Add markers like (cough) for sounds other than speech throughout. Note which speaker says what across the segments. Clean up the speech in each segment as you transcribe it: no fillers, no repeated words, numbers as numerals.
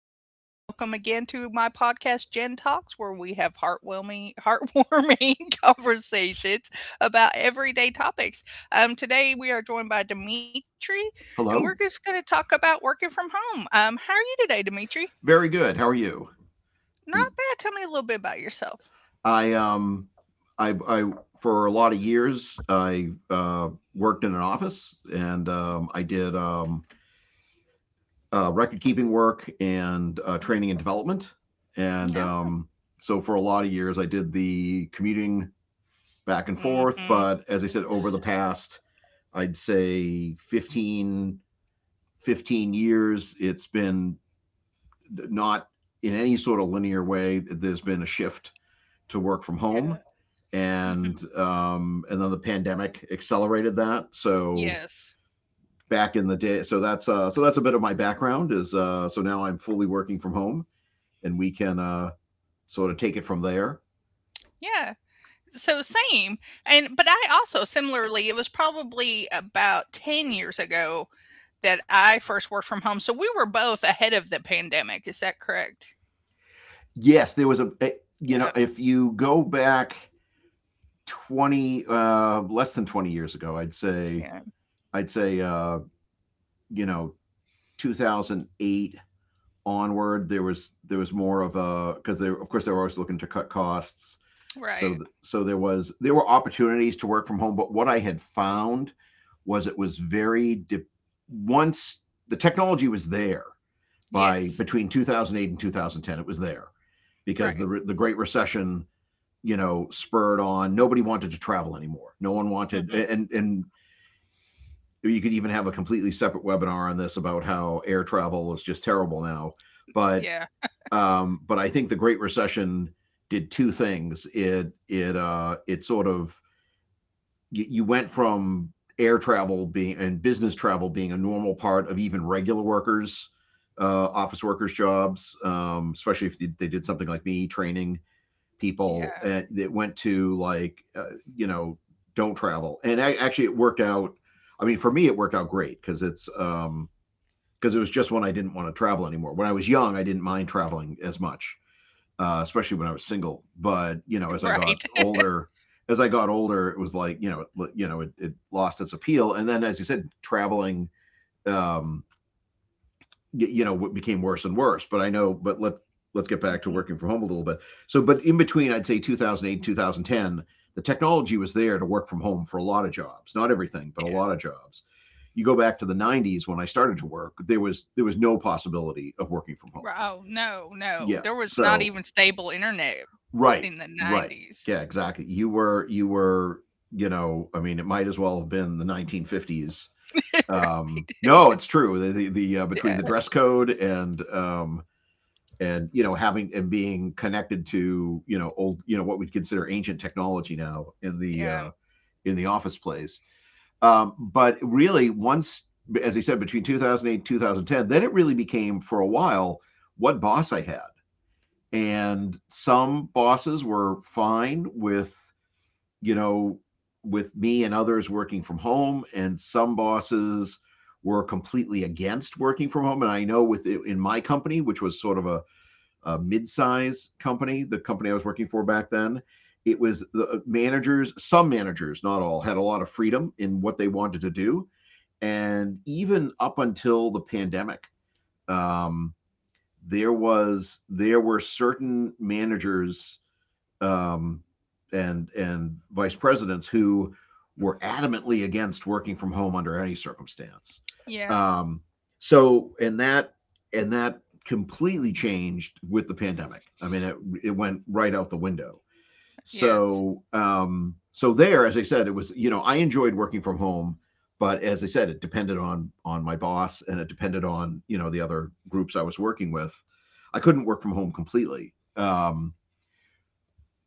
Speaker 1: Welcome again to my podcast, Gen Talks, where we have heartwarming (laughs) conversations about everyday topics. Today we are joined by Dimitri, and we're just
Speaker 2: Hello.
Speaker 1: going to talk about working from home. How are you today, Dimitri?
Speaker 2: Very good. How are you?
Speaker 1: Not bad. Tell me a little bit about yourself.
Speaker 2: I um I For a lot of years, I worked in an office and I did record keeping work and training and development. And
Speaker 1: No.
Speaker 2: so for a lot of years, I did the commuting back and forth.
Speaker 1: Mm-hmm.
Speaker 2: But as I said, over the past, I'd say, 15 years, it's been not in any sort of linear way. There's been a shift to work from
Speaker 1: Yeah.
Speaker 2: home.
Speaker 1: Hmm.
Speaker 2: And then the pandemic accelerated that. So
Speaker 1: Yes.
Speaker 2: back in the day, so that's a bit of my background. Is so now I'm fully working from home and we can sort of take it from there.
Speaker 1: Yeah. So same. And but I also similarly, it was probably about 10 years ago that I first worked from home. So we were both ahead of the pandemic. Is that correct?
Speaker 2: Yes, there was you know,
Speaker 1: Yeah.
Speaker 2: if you go back 20, less than 20 years ago,
Speaker 1: Yeah.
Speaker 2: I'd say, you know, 2008 onward, there was more of a, because they were always looking to cut costs. So, th-
Speaker 1: Right.
Speaker 2: so there were opportunities to work from home. But what I had found was it was once the technology was there, by
Speaker 1: Yes.
Speaker 2: between 2008 and 2010, it was there because
Speaker 1: Right.
Speaker 2: the Great Recession, you know, spurred on, nobody wanted to travel anymore. No one wanted,
Speaker 1: Hmm.
Speaker 2: and you could even have a completely separate webinar on this about how air travel is just terrible now. But
Speaker 1: Yeah.
Speaker 2: I think the Great Recession did two things. It sort of you went from air travel being, and business travel being, a normal part of even regular workers, office workers' jobs, especially if they did something like me, training people
Speaker 1: Yeah.
Speaker 2: that went to, like, you know, don't travel. And actually, it worked out. I mean, for me, it worked out great, because it was just when I didn't want to travel anymore. When I was young, I didn't mind traveling as much, especially when I was single. But you know, as
Speaker 1: (laughs)
Speaker 2: I got
Speaker 1: Right.
Speaker 2: older, it was like, you know, it lost its appeal. And then, as you said, traveling, um you know, what became worse and worse. But I know but let's get back to
Speaker 1: Mhm.
Speaker 2: working from home a little bit. So but in between, I'd say 2008 and 2010, the technology was there to work from home for a lot of jobs, not everything, but a lot
Speaker 1: Yeah.
Speaker 2: of jobs. You go back to the 90s when I started to work, there was no possibility of working from home.
Speaker 1: Oh, no, no.
Speaker 2: Yeah,
Speaker 1: There was not
Speaker 2: so
Speaker 1: even stable internet
Speaker 2: right,
Speaker 1: in the
Speaker 2: right,
Speaker 1: 90s.
Speaker 2: yeah, exactly. You were, you know, I mean, it might as well have been the 1950s.
Speaker 1: (laughs) Right.
Speaker 2: No, it's true, the between
Speaker 1: Yeah.
Speaker 2: the dress code and, and, you know, having and being connected to, you know, old, you know, what we'd consider ancient technology now, in the
Speaker 1: Yeah.
Speaker 2: office place. But really, once, as I said, between 2008, 2010, then it really became, for a while, what boss I had, and some bosses were fine with, you know, with me and others working from home, and some bosses were completely against working from home. And I know, with, in my company, which was sort of a mid-size company, the company I was working for back then. It was the managers, some managers, not all, had a lot of freedom in what they wanted to do. And even up until the pandemic, um, there were certain managers, um, and vice presidents who were adamantly against working from home under any circumstance.
Speaker 1: Yeah.
Speaker 2: Um, so and that completely changed with the pandemic. I mean, it went right out the window.
Speaker 1: Yes.
Speaker 2: So so there, as I said, it was, you know, I enjoyed working from home, but as I said, it depended on my boss, and it depended on, you know, the other groups I was working with. I couldn't work from home completely.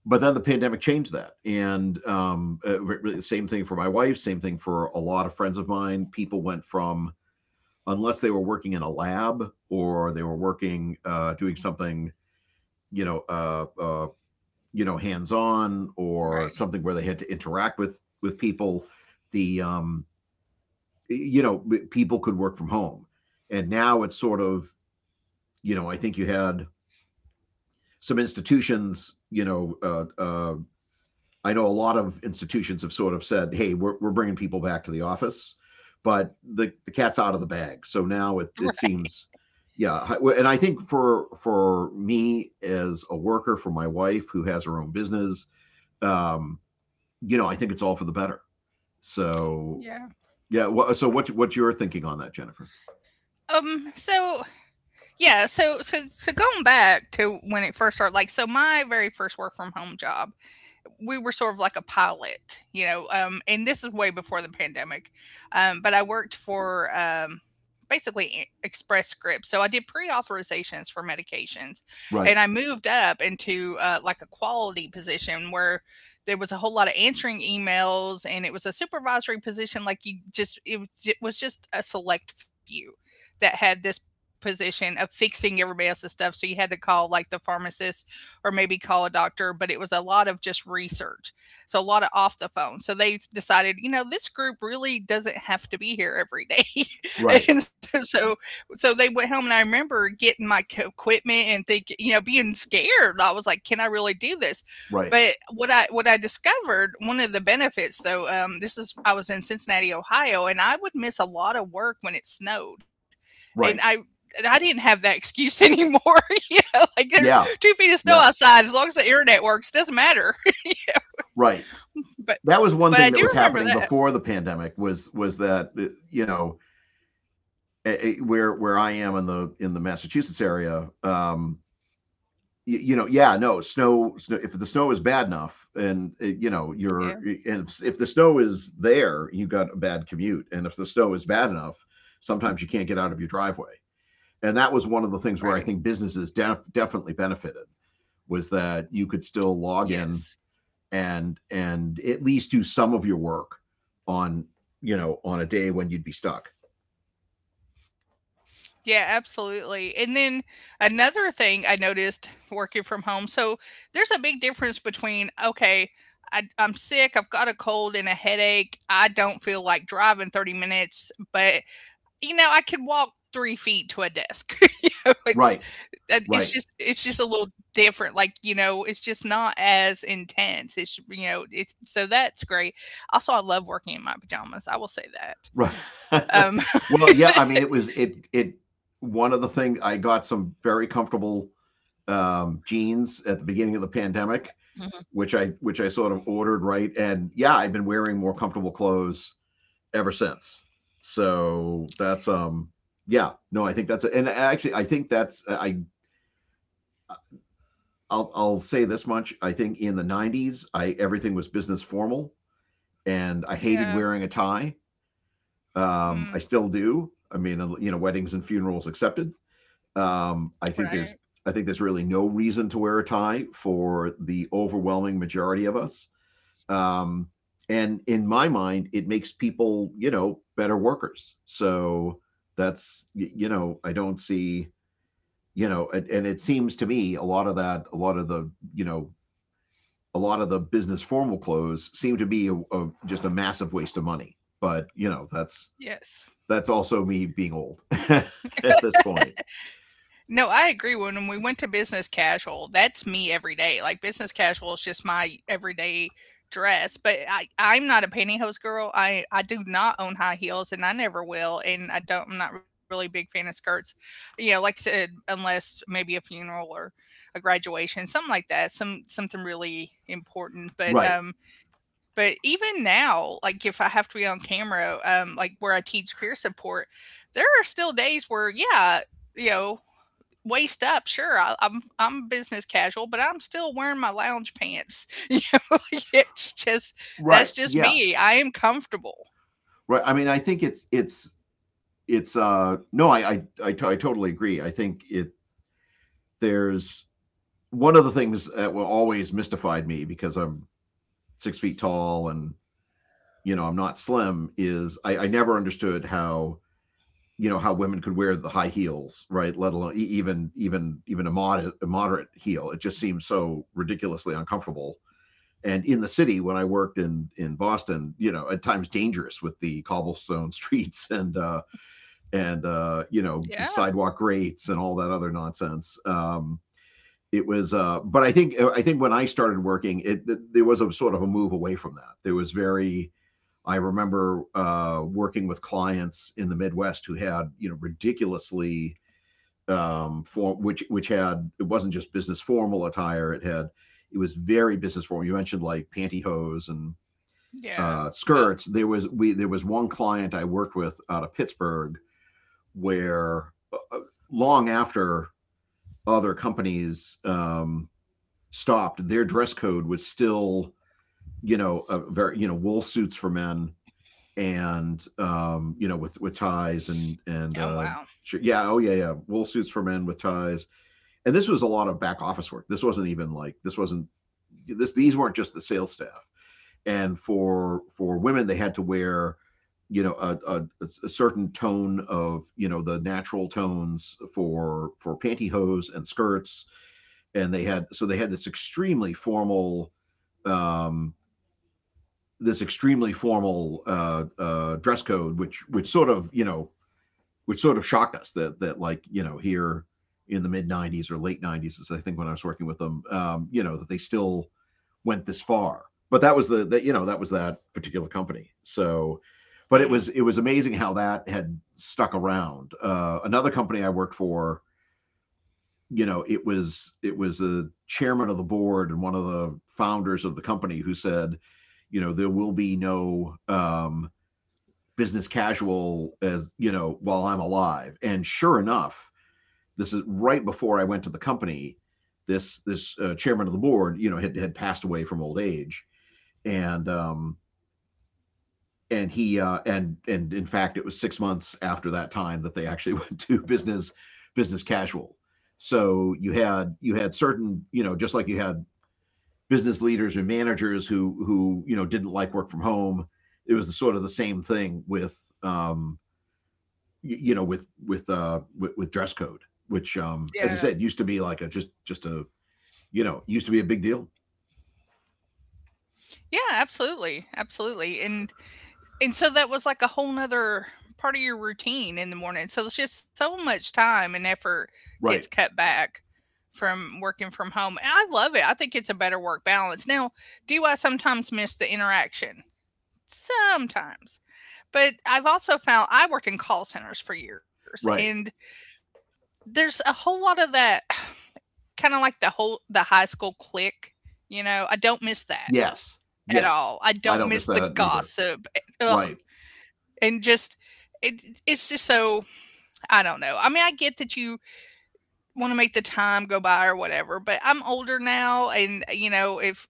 Speaker 2: But then the pandemic changed that, and same thing for my wife, same thing for a lot of friends of mine. People went from, unless they were working in a lab, or they were working, doing something, you know, you know, hands on, or
Speaker 1: Right.
Speaker 2: something where
Speaker 1: (laughs)
Speaker 2: they had to interact with people. The you know, people could work from home. And now it's sort of, you know, I think you had some institutions, you know, I know a lot of institutions have sort of said, "Hey, we're bringing people back to the office," but the cat's out of the bag. So now it
Speaker 1: Right.
Speaker 2: seems, yeah. And I think for me as a worker, for my wife who has her own business, um, you know, I think it's all for the better. So
Speaker 1: Yeah.
Speaker 2: yeah. So what you're thinking on that, Jennifer?
Speaker 1: Um, so Yeah, so going back to when it first started, like so my very first work from home job, we were sort of like a pilot, and this is way before the pandemic. But I worked for basically Express Scripts. So I did pre authorizations for medications. And
Speaker 2: Right.
Speaker 1: I moved up into like a quality position where there was a whole lot of answering emails and it was a supervisory position. Like you just, it was just a select few that had this position of fixing everybody else's stuff. So you had to call like the pharmacist or maybe call a doctor, but it was a lot of just research. So a lot of off the phone. So they decided, this group really doesn't have to be here every day.
Speaker 2: Right.
Speaker 1: (laughs) And so they went home and I remember getting my equipment and think, being scared. I was like, can I really do this?
Speaker 2: Right.
Speaker 1: But what I discovered, one of the benefits though, this is I was in Cincinnati, Ohio, and I would miss a lot of work when it snowed, and
Speaker 2: Right.
Speaker 1: I and I didn't have that excuse (laughs) anymore. (laughs) Like there's
Speaker 2: Yeah.
Speaker 1: 2 feet of snow
Speaker 2: Yeah.
Speaker 1: outside. As long as the internet works, doesn't matter.
Speaker 2: Right.
Speaker 1: (laughs) but
Speaker 2: That was one thing that
Speaker 1: but
Speaker 2: was
Speaker 1: I do
Speaker 2: happening
Speaker 1: remember
Speaker 2: before
Speaker 1: that.
Speaker 2: the pandemic, was that, you know, where I am, in the Massachusetts area, you, you know, yeah, no snow, snow. If the snow is bad enough, and, you know, you're,
Speaker 1: Yeah,
Speaker 2: and if the snow is there, you got a bad commute, and if the snow is bad enough, sometimes you can't get out of your driveway, and that was one of the things where I
Speaker 1: right.
Speaker 2: think businesses definitely benefited, was that you could still log in
Speaker 1: Yes.
Speaker 2: and, at least do some of your work, on, you know, on a day when you'd be stuck.
Speaker 1: Yeah, absolutely. And then another thing I noticed working from home. So there's a big difference between, okay, I'm sick, I've got a cold and a headache, I don't feel like driving 30 minutes, but I could walk 3 feet to a desk. (laughs) You know, it's
Speaker 2: Right,
Speaker 1: uh, it's
Speaker 2: right.
Speaker 1: just it's just a little different, like, it's just not as intense. It's so that's great. Also, I love working in my pajamas, I will say that.
Speaker 2: Right. (laughs)
Speaker 1: Um,
Speaker 2: Well, yeah, I mean, it was it it one of the things. I got some very comfortable, jeans at the beginning of the pandemic, which I sort of ordered, right? And yeah, I've been wearing more comfortable clothes ever since. So that's, yeah, no, I think that's, and actually I think that's, I'll, say this much. I think in the 90s, I everything was business formal,
Speaker 1: (laughs)
Speaker 2: and I
Speaker 1: yeah,
Speaker 2: hated wearing a tie.
Speaker 1: mm,
Speaker 2: I still do. I mean, you know, weddings and funerals excepted. Um, I think there's
Speaker 1: right,
Speaker 2: I think there's really no reason to wear a tie for the overwhelming majority of us. Um, and in my mind, it makes people, you know, better workers. So that's, you know, I don't see, you know, and, it seems to me a lot of that, a lot of the, you know, a lot of the business formal clothes seem to be a, just a massive waste of money. But you know, that's
Speaker 1: yes.
Speaker 2: also me being old (laughs) at this point.
Speaker 1: No, I agree. When we went to business casual, that's me every day. Like business casual is just my everyday dress. But I'm not a pantyhose girl. I do not own high heels, and I never will. And I don't. I'm not really a big fan of skirts. Like I said, unless maybe a funeral or a graduation, something like that. Something really important. But
Speaker 2: Right.
Speaker 1: even now, like if I have to be on camera, like where I teach peer support, there are still days where yeah, you know waist up, sure, I'm business casual, but I'm still wearing my lounge pants. (laughs) (laughs) It's just
Speaker 2: Right.
Speaker 1: that's just
Speaker 2: Yeah.
Speaker 1: me. I am comfortable.
Speaker 2: Right. I mean, I think it's no, I I totally agree. I think it there's one of the things that will always mystified me, because I'm 6 feet tall, and you know, I'm not slim, is, I never understood how, you know, how women could wear the high heels, right, let alone even, a moderate heel. It just seems so ridiculously uncomfortable. And in the city, when I worked in Boston, you know, at times dangerous with the cobblestone (laughs) streets, and you know,
Speaker 1: Yeah,
Speaker 2: sidewalk rates and all that other nonsense. It was, but I think, when I started working, it, there was a sort of a move away from that. There was very, I remember, working with clients in the Midwest who had, you know, ridiculously form, which had, it wasn't just business formal attire. It had, it was very business formal. You mentioned like pantyhose and
Speaker 1: yeah. Ugh.
Speaker 2: skirts. There was one client I worked with out of Pittsburgh where long after other companies stopped, their dress code was still, you know, a very, you know, wool suits for men, and you know, with, ties, and,
Speaker 1: Oh wow.
Speaker 2: sure, yeah, oh yeah, yeah, wool suits for men with ties. And this was a lot of back office work. This wasn't even like, this wasn't, these weren't just the sales staff. And for women they had to wear, you know, a, a certain tone of, you know, the natural tones for, pantyhose and skirts. And they had, so they had this extremely formal, um this extremely formal uh, dress code, which sort of, you know, which sort of shocked us, that, like, you know, here, in the mid 90s, or late 90s, is, I think, when I was working with them. You know, that they still went this far. But that was the that was that particular company. So, but it was
Speaker 1: Mm,
Speaker 2: it was amazing how that had stuck around. Another company I worked for, you know, it was the chairman of the board and one of the founders of the company who said, you know, there will be no business casual as you know while I'm alive. And sure enough, this is right before I went to the company. This chairman of the board, you know, had passed away from old age, and um, and in fact, it was 6 months after that time that they actually (laughs) went to business casual. So you had certain, you know, just like you had business leaders or managers who you know didn't like work from home. It was sort of the same thing with um, you know with with dress code, which, as I
Speaker 1: yeah,
Speaker 2: said, used to be like a just a you know used to be a big deal.
Speaker 1: yeah. Absolutely, absolutely. And so that was like a whole nother part of your routine in the morning. So it's just so much time and effort gets
Speaker 2: Right,
Speaker 1: cut back from working from home. And I love it. I think it's a better work balance. Now, do I sometimes miss the interaction? Sometimes. But I've also found I worked in call centers for years and
Speaker 2: right.
Speaker 1: there's a whole lot of that (sighs) kind of like the high school clique. I don't miss that
Speaker 2: Yes,
Speaker 1: at all.
Speaker 2: yes.
Speaker 1: I don't
Speaker 2: I don't
Speaker 1: miss
Speaker 2: miss
Speaker 1: the
Speaker 2: that either.
Speaker 1: gossip. Ugh,
Speaker 2: Right.
Speaker 1: and just it's just so I don't know. I mean, I get that you want to make the time go by or whatever, but I'm older now and if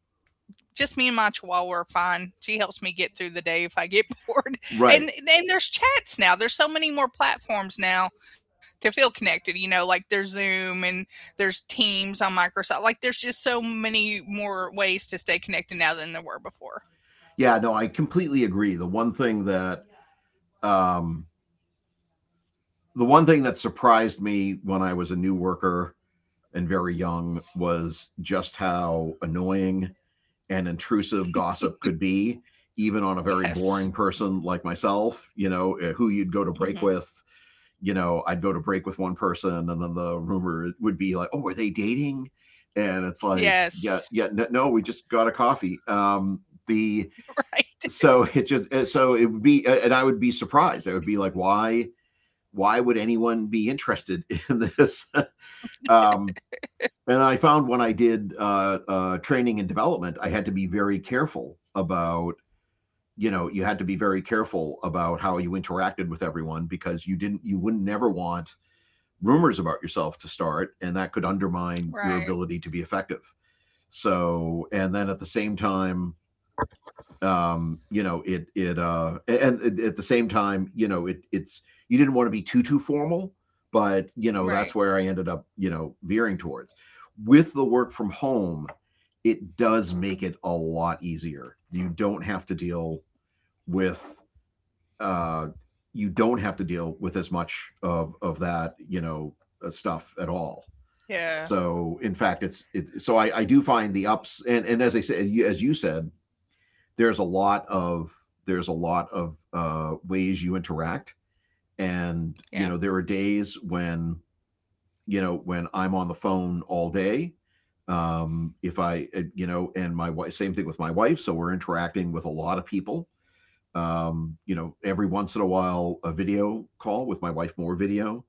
Speaker 1: just me and my chihuahua are fine. She helps me get through the day if I get (laughs) bored. And
Speaker 2: Right.
Speaker 1: and there's chats now. There's so many more platforms now to feel connected. Like there's Zoom and there's Teams on Microsoft. Like there's just so many more ways to stay connected now than there were before.
Speaker 2: Yeah, no, I completely agree. Um the one thing that surprised me when I was a new worker and very young was just how annoying and intrusive gossip could be, even on a very
Speaker 1: Yes.
Speaker 2: boring person like myself, you know, who you'd go to
Speaker 1: Hmm.
Speaker 2: break with. You know, I'd go to break with one person, and then the rumor would be like, oh, were they dating? And it's like,
Speaker 1: Yes.
Speaker 2: yeah, yeah, no, no we just got a coffee.
Speaker 1: (laughs)
Speaker 2: The,
Speaker 1: Right.
Speaker 2: so it just so it would be and I would be surprised, I would be like, why would anyone be interested (laughs) in this um and I found when I did training and development, I had to be very careful about you know you had to be very careful about how you interacted with everyone, because you didn't, you wouldn't never want rumors about yourself to start, and that could
Speaker 1: Right.
Speaker 2: undermine your ability to be effective. So, and then at the same time you know it it and at the same time, you know, it it's you didn't want to be too formal, but you
Speaker 1: Right.
Speaker 2: know that's where I ended up, you know, veering towards. With the work from home, it does make it a lot easier. You don't have to deal with uh you don't have to deal with as much of that, you know, stuff at all.
Speaker 1: Yeah.
Speaker 2: So in fact it's it so I do find the ups, and as I said, as you said, there's a lot of ways you interact,
Speaker 1: Yeah.
Speaker 2: and you know there are days when you know when I'm on the phone all day. If I You know, and my wife, same thing with my wife, so we're interacting with a lot of people. You know, every once in a while, a video call with my wife, more video,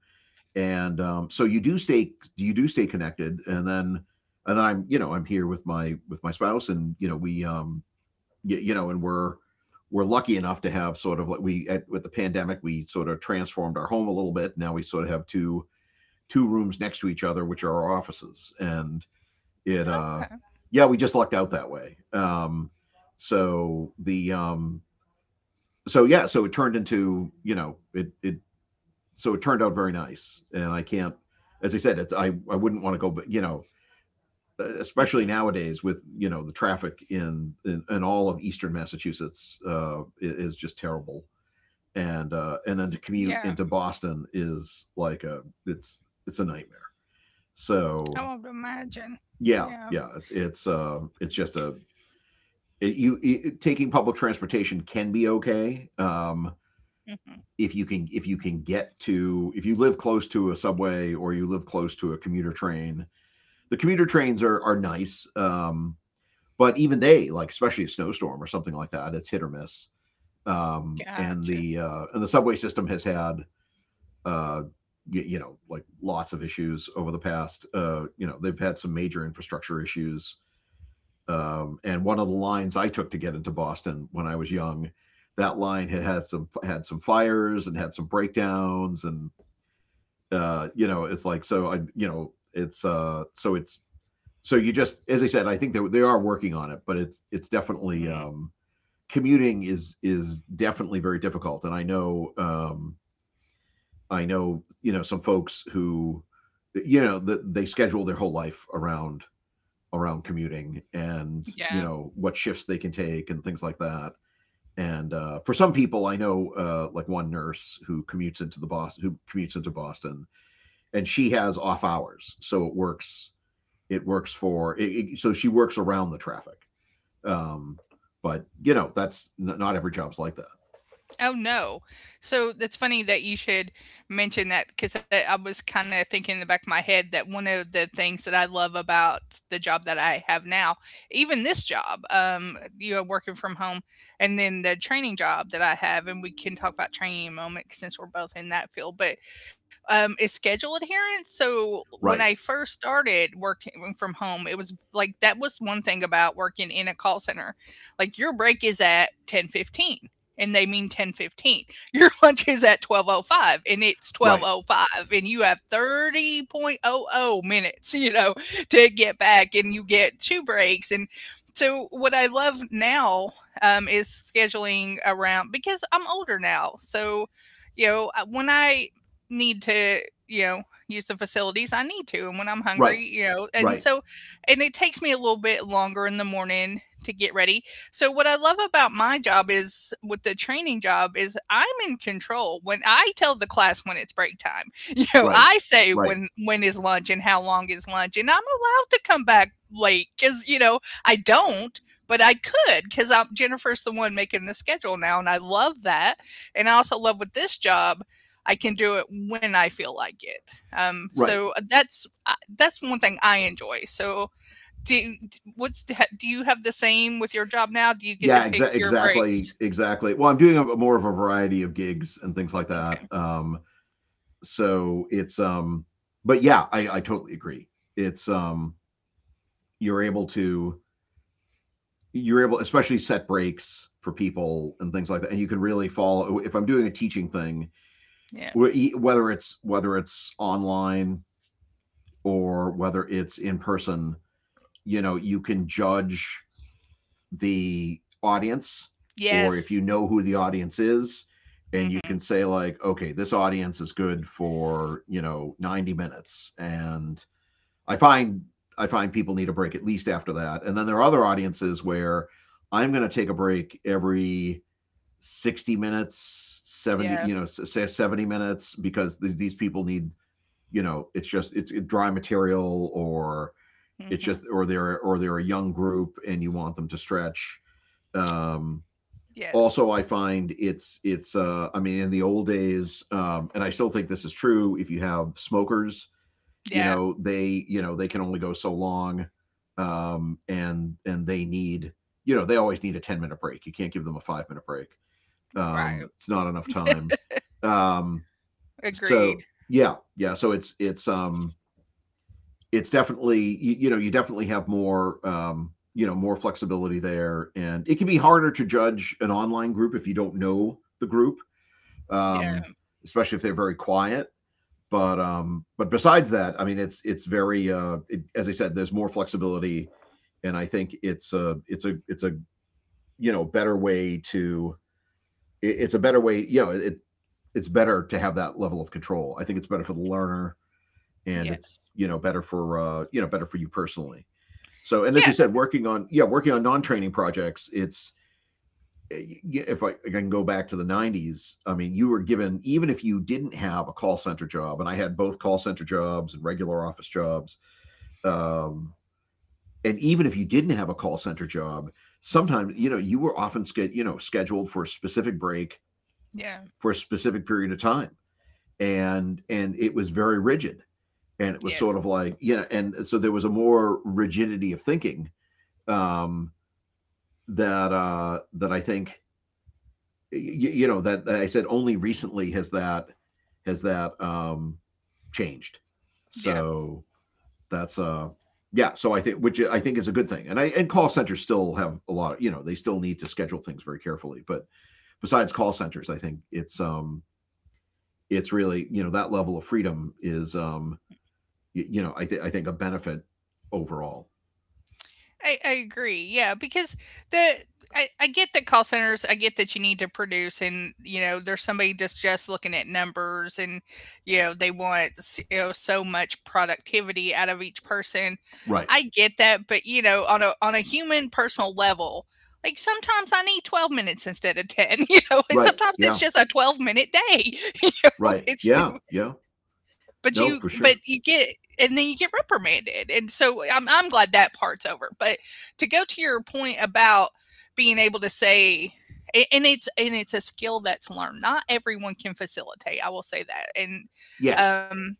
Speaker 2: and so you do stay connected, and then I'm you know I'm here with my spouse, and you know we you know, and we're lucky enough to have sort of like with the pandemic we sort of transformed our home a little bit. Now we sort of have two rooms next to each other, which are our offices, and
Speaker 1: Okay.
Speaker 2: it yeah, we just lucked out that way. So the um so yeah, so it turned into you know it it so it turned out very nice, and I can't, as I said, it's I wouldn't want to go, you know,
Speaker 1: Hmm.
Speaker 2: especially nowadays with you know the traffic in all of eastern Massachusetts, is just terrible, and then to
Speaker 1: Yeah.
Speaker 2: commute into Boston is like a it's a nightmare.
Speaker 1: I won't
Speaker 2: So
Speaker 1: imagine. Yeah.
Speaker 2: yeah, yeah, it's just a it, you it, taking public transportation can be okay.
Speaker 1: Hmm.
Speaker 2: If you can, get to, if you live close to a subway or you live close to a commuter train, the commuter trains are nice. Um, but even they, like, especially a snowstorm or something like that, it's hit or miss.
Speaker 1: Gotcha.
Speaker 2: And the subway system has had, you know, like lots of issues over the past. You know they've had some major infrastructure issues. And one of the lines I took to get into Boston when I was young, that line had some, had some fires and had some breakdowns, and you know it's like so I you know it's so it's so you just as I said I think they are working on it, but it's definitely
Speaker 1: Mm,
Speaker 2: commuting is definitely very difficult, and I know I know you know some folks who you know that they schedule their whole life around commuting and
Speaker 1: yeah.
Speaker 2: you know what shifts they can take and things like that. And for some people I know, like one nurse who commutes into Boston, and she has off hours, so it works for it, it- so she works around the traffic, um, but you know that's not every job's like that.
Speaker 1: Oh, no. So that's funny that you should mention that because I was kind of thinking in the back of my head that one of the things that I love about the job that I have now, even this job, working from home, and then the training job that I have, and we can talk about training in a moment since we're both in that field, but is schedule adherence. So when
Speaker 2: Right,
Speaker 1: I first started working from home, it was like that was one thing about working in a call center. Like your break is at 10:15 and they mean 10:15. Your (laughs) lunch is at 12:05 and it's
Speaker 2: right,
Speaker 1: 12:05 and you have 30 minutes, to get back and you get two breaks and so what I love now is scheduling around because I'm older now. So, when I need to, you know, use the facilities, I need to. And when I'm
Speaker 2: right,
Speaker 1: hungry, and
Speaker 2: right,
Speaker 1: so, and it takes me a little bit longer in the morning to get ready so what I love about my job is with the training job is I'm in control. When I tell the class when it's break time, (laughs)
Speaker 2: right,
Speaker 1: I say
Speaker 2: right,
Speaker 1: when is lunch and how long is lunch, and I'm allowed to come back late because I don't. But I could because I'm Jennifer's the one making the schedule now, and I love that. And I also love with this job, I can do it when I feel like it. Um,
Speaker 2: right.
Speaker 1: so uh, that's uh, that's one thing I enjoy. So do do you have the same with your job now? Do you get to
Speaker 2: Yeah,
Speaker 1: pick your
Speaker 2: exactly,
Speaker 1: breaks?
Speaker 2: exactly. Well, I'm doing a, more of a variety of gigs and things like that.
Speaker 1: Okay,
Speaker 2: So it's, but yeah, I totally agree. It's, you're able to, you're able, especially set breaks for people and things like that, and you can really follow. If I'm doing a teaching thing,
Speaker 1: yeah.
Speaker 2: whether it's online or whether it's in person, you know, you can judge the audience, or if you
Speaker 1: Yes.
Speaker 2: know who the audience is, and you can
Speaker 1: Mhm.
Speaker 2: say like, okay, this audience is good for you know 90 minutes, and i find I find people need a break at least after that. And then there are other audiences where I'm going to take a break every 60 minutes, 70, you
Speaker 1: Yeah.
Speaker 2: know, say 70 minutes, because these people need you know it's just it's dry material, or it's just,
Speaker 1: Mhm.
Speaker 2: or they're, or they're a young group and you want them to stretch. Um, also,
Speaker 1: Yes.
Speaker 2: I find it's I mean, in the old days, and I still think this is true. If you have smokers, you
Speaker 1: Yeah,
Speaker 2: know, they you know they can only go so long, and they need you know they always need a 10 minute break. You can't give them a 5 minute break.
Speaker 1: right.
Speaker 2: It's not enough time. Um, so
Speaker 1: Agreed.
Speaker 2: yeah, yeah. So it's it's definitely, you know, you definitely have more you know, more flexibility there, and it can be harder to judge an online group if you don't know the group, um,
Speaker 1: Yeah.
Speaker 2: especially if they're very quiet. But besides that, I mean, it's very as I said, there's more flexibility, and I think it's a you know better way to it's a better way, you know, it it's better to have that level of control. I think it's better for the learner, and
Speaker 1: Yes.
Speaker 2: it's, you know, better for, you know, better for you personally. So, and as
Speaker 1: Yeah.
Speaker 2: I said, working on, yeah, working on non-training projects, it's if I can go back to the 90s, I mean, you were given, even if you didn't have a call center job, and I had both call center jobs and regular office jobs, um, and even if you didn't have a call center job, sometimes you know you were often you know scheduled for a specific break
Speaker 1: Yeah.
Speaker 2: for a specific period of time, and it was very rigid, and it was sort of
Speaker 1: Yes.
Speaker 2: like, you know, and so there was a more rigidity of thinking. Um, that I think, you know, that I said only recently has that has that um, changed.
Speaker 1: Yeah.
Speaker 2: So that's yeah. So I think, which I think is a good thing, and I and call centers still have a lot. Of, you know they still need to schedule things very carefully. But besides call centers, I think it's really, you know, that level of freedom is, you know, I think a benefit overall.
Speaker 1: I agree. Yeah, because the I get that call centers, I get that you need to produce and there's somebody that's just looking at numbers and they want so much productivity out of each person.
Speaker 2: Right.
Speaker 1: I get that, but on a human personal level, like sometimes I need 12 minutes instead of 10, (laughs) and
Speaker 2: Right.
Speaker 1: sometimes it's
Speaker 2: Yeah.
Speaker 1: just a 12-minute day. (laughs) You know,
Speaker 2: Right.
Speaker 1: it's
Speaker 2: Yeah. Yeah.
Speaker 1: but you
Speaker 2: No,
Speaker 1: but
Speaker 2: for
Speaker 1: you
Speaker 2: sure.
Speaker 1: get and then you get reprimanded, and so I'm glad that part's over, but to go to your point about being able to say a and it's a skill that's learned. Not everyone can facilitate, I will say that,
Speaker 2: Yes.
Speaker 1: um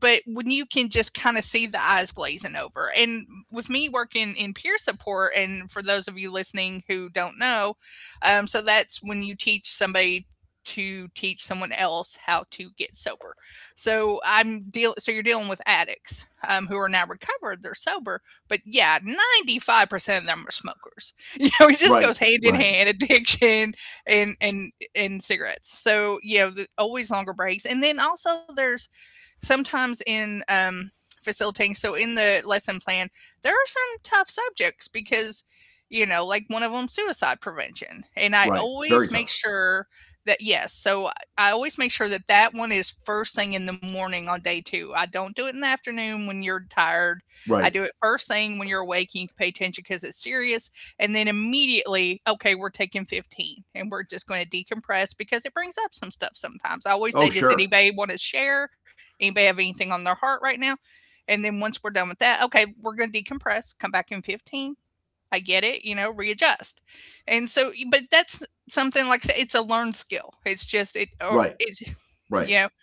Speaker 1: but when you can just kind of see the eyes glazing over. And with me working in peer support, and for those of you listening who don't know, so that's when you teach somebody to teach someone else how to get sober. So I'm deal. So you're dealing with addicts who are now recovered. They're sober, but yeah, 95% of them are smokers. (laughs) It just goes
Speaker 2: Right.
Speaker 1: hand in
Speaker 2: Right.
Speaker 1: hand, addiction and cigarettes. So always longer breaks. And then also there's sometimes in facilitating, so in the lesson plan, there are some tough subjects because, like one of them, suicide prevention. And I
Speaker 2: Right. Very
Speaker 1: always make
Speaker 2: tough.
Speaker 1: sure that, yes, so I always make sure that that one is first thing in the morning on day two. I don't do it in the afternoon when you're tired. I
Speaker 2: Right.
Speaker 1: do it first thing when you're awake and you can pay attention because it's serious. And then immediately, okay, we're taking 15 and we're just going to decompress because it brings up some stuff sometimes. I always
Speaker 2: Oh,
Speaker 1: say, does
Speaker 2: sure.
Speaker 1: anybody want to share? Anybody have anything on their heart right now? And then once we're done with that, okay, we're going to decompress, come back in 15. I get it, readjust. And so, but that's something like I it's a learned skill. It's just, or
Speaker 2: Right.
Speaker 1: it's, (laughs)
Speaker 2: Right.
Speaker 1: you know,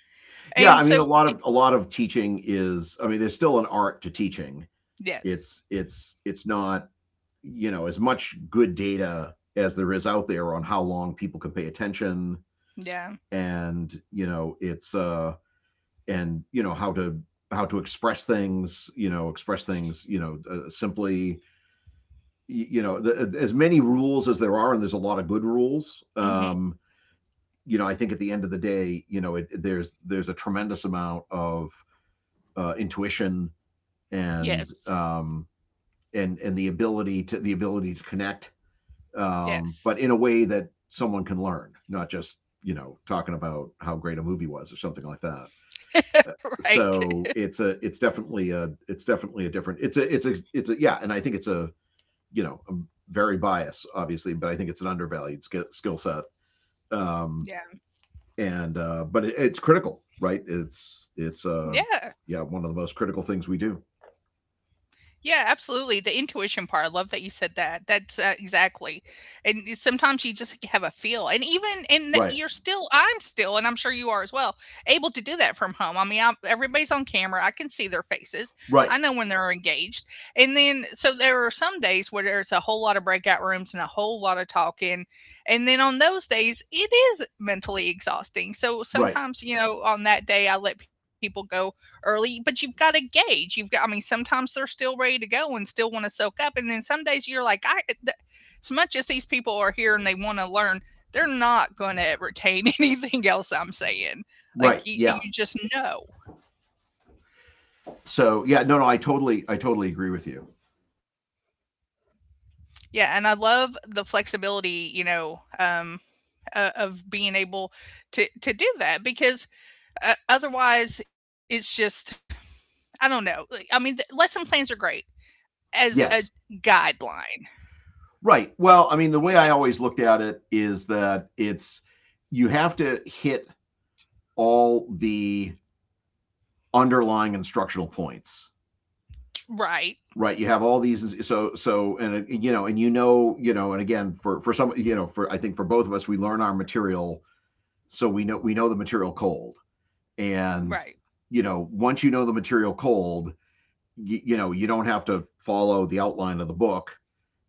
Speaker 2: Yeah, I
Speaker 1: and
Speaker 2: mean
Speaker 1: so, y-
Speaker 2: a lot of teaching is, I mean, there's still an art to teaching. It's
Speaker 1: yes.
Speaker 2: it's it's not, you know, as much good data as there is out there on how long people can pay attention
Speaker 1: Yeah.
Speaker 2: and, you know, it's and, you know, how to express things, you know, express things, you know, simply, you know, as many rules as there are and there's a lot of good rules.
Speaker 1: Hmm.
Speaker 2: You know, I think at the end of the day, you know, there's a tremendous amount of intuition and
Speaker 1: Yes.
Speaker 2: um, and the ability to connect, but in
Speaker 1: Yes.
Speaker 2: a way that someone can learn, not just talking about how great a movie was or something like that.
Speaker 1: (laughs) Right.
Speaker 2: So it's a it's definitely a it's definitely a different it's a it's a it's a yeah, and I think it's a you know I'm very biased obviously, but I think it's an undervalued skill set.
Speaker 1: (laughs)
Speaker 2: Um,
Speaker 1: Yeah.
Speaker 2: and but it's critical, right? It's
Speaker 1: Yeah.
Speaker 2: yeah, one of the most critical things we do.
Speaker 1: Yeah, absolutely. The intuition part, I love that you said that. That's exactly. And sometimes you just have a feel. And even, and that
Speaker 2: Right,
Speaker 1: you're still, I'm still, and I'm sure you are as well, able to do that from home. I mean, everybody's on camera. I can see their faces. I
Speaker 2: right,
Speaker 1: know when they're engaged. And then, so there are some days where there's a whole lot of breakout rooms and a whole lot of talking. And then on those days, it is mentally exhausting. So
Speaker 2: right,
Speaker 1: sometimes, you know, on that day, I let people go early, but you've got to gauge. You've got, I mean, sometimes they're still ready to go and still want to soak up. And then some days you're like, as much as these people are here and they want to learn, they're not going to retain (laughs) anything else I'm saying. Like
Speaker 2: right.
Speaker 1: you,
Speaker 2: Yeah.
Speaker 1: you just know.
Speaker 2: So yeah, no, no, I totally agree with you.
Speaker 1: Yeah. And I love the flexibility, of being able to do that because otherwise it's just, I don't know. Like, I mean, the lesson plans are great as a
Speaker 2: Yes.
Speaker 1: guideline.
Speaker 2: Right. Well,
Speaker 1: Yes.
Speaker 2: I mean, the way I always looked at it is that it's you have to hit all the underlying instructional points,
Speaker 1: Right.
Speaker 2: right? You have all these. So so and you know and you know and again for some, you know, for I think for both of us, we learn our material so we know the material cold.
Speaker 1: Right.
Speaker 2: And you know once you know the material cold, you know you don't have to follow the outline of the book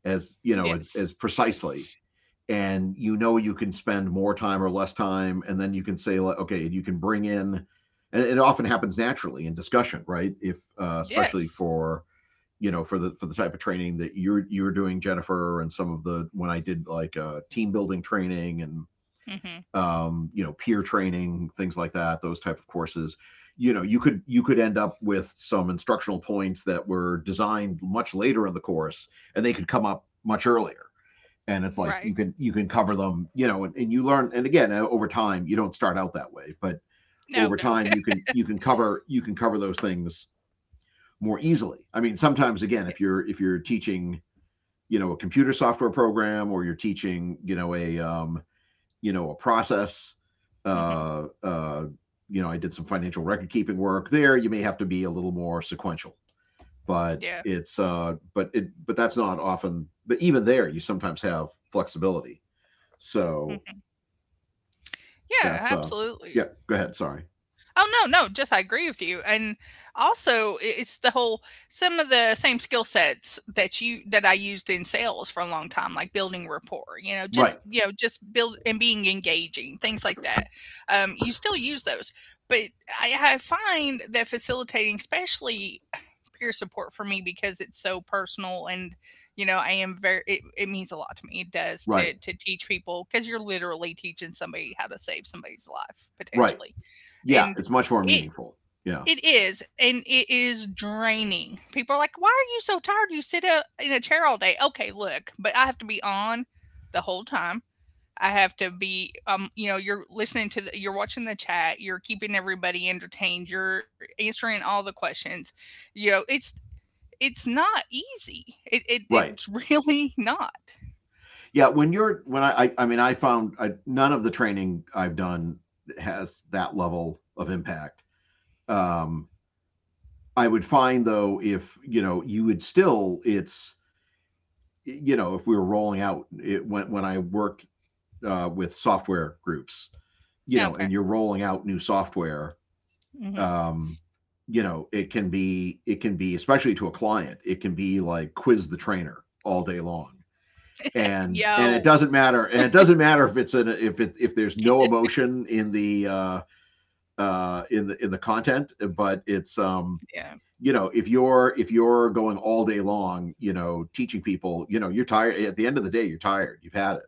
Speaker 2: as you know
Speaker 1: Yes.
Speaker 2: as precisely, and you know you can spend more time or less time. And then you can say like, okay, you can bring in, and it often happens naturally in discussion, right? If especially
Speaker 1: Yes.
Speaker 2: for you know for the type of training that you're doing, Jennifer, and some of the when I did like team building training and
Speaker 1: Mhm.
Speaker 2: you know, peer training, things like that, those type of courses. You know, you could end up with some instructional points that were designed much later in the course, and they could come up much earlier. And it's like
Speaker 1: Right.
Speaker 2: you can cover them, you know, and you learn. And again, over time, you don't start out that way, but
Speaker 1: No,
Speaker 2: over
Speaker 1: no.
Speaker 2: time, you
Speaker 1: (laughs)
Speaker 2: can you can cover those things more easily. I mean, sometimes again,
Speaker 1: Yeah.
Speaker 2: if you're teaching, you know, a computer software program, or you're teaching, you know, a you know, a process
Speaker 1: Mhm.
Speaker 2: uh, uh, you know I did some financial record keeping work, there you may have to be a little more sequential, but
Speaker 1: Yeah.
Speaker 2: it's but it but that's not often, but even there you sometimes have flexibility. So
Speaker 1: Mhm. Yeah,
Speaker 2: that's yeah,
Speaker 1: absolutely.
Speaker 2: go ahead, sorry.
Speaker 1: Oh no, no, just I agree with you. And also it's the whole some of the same skill sets that I used in sales for a long time, like building rapport, you know,
Speaker 2: Right,
Speaker 1: just you know, just build and being engaging, things like that. You still use those. But I find that facilitating, especially peer support for me because it's so personal. And I am very, it means a lot to me. It does
Speaker 2: right,
Speaker 1: to teach people because you're literally teaching somebody how to save somebody's life
Speaker 2: right.
Speaker 1: potentially.
Speaker 2: Yeah,
Speaker 1: And
Speaker 2: it's much more
Speaker 1: it
Speaker 2: meaningful. Yeah.
Speaker 1: it is draining. People are like, why are you so tired? You sit in a chair all day. Okay, look, but I have to be on the whole time. I have to be. You're listening, you're watching the chat, you're keeping everybody entertained, you're answering all the questions. It's not easy. It's
Speaker 2: Right.
Speaker 1: (laughs) really not.
Speaker 2: Yeah, when you're when I mean I found I, none of the training I've done has that level of impact. um I would find though, if you know, you would still, it's you know, if we were rolling out, when I worked with software groups, you know,
Speaker 1: Okay.
Speaker 2: and you're rolling out new software,
Speaker 1: Hmm.
Speaker 2: um, you know, it can be, especially to a client, it can be like quiz the trainer all day long.
Speaker 1: Yo.
Speaker 2: And it doesn't matter if it's an if it if there's no emotion in the in the content, but it's
Speaker 1: Yeah,
Speaker 2: you know, if you're going all day long, you know, teaching people, you know, you're tired at the end of the day, you're tired, you've had it.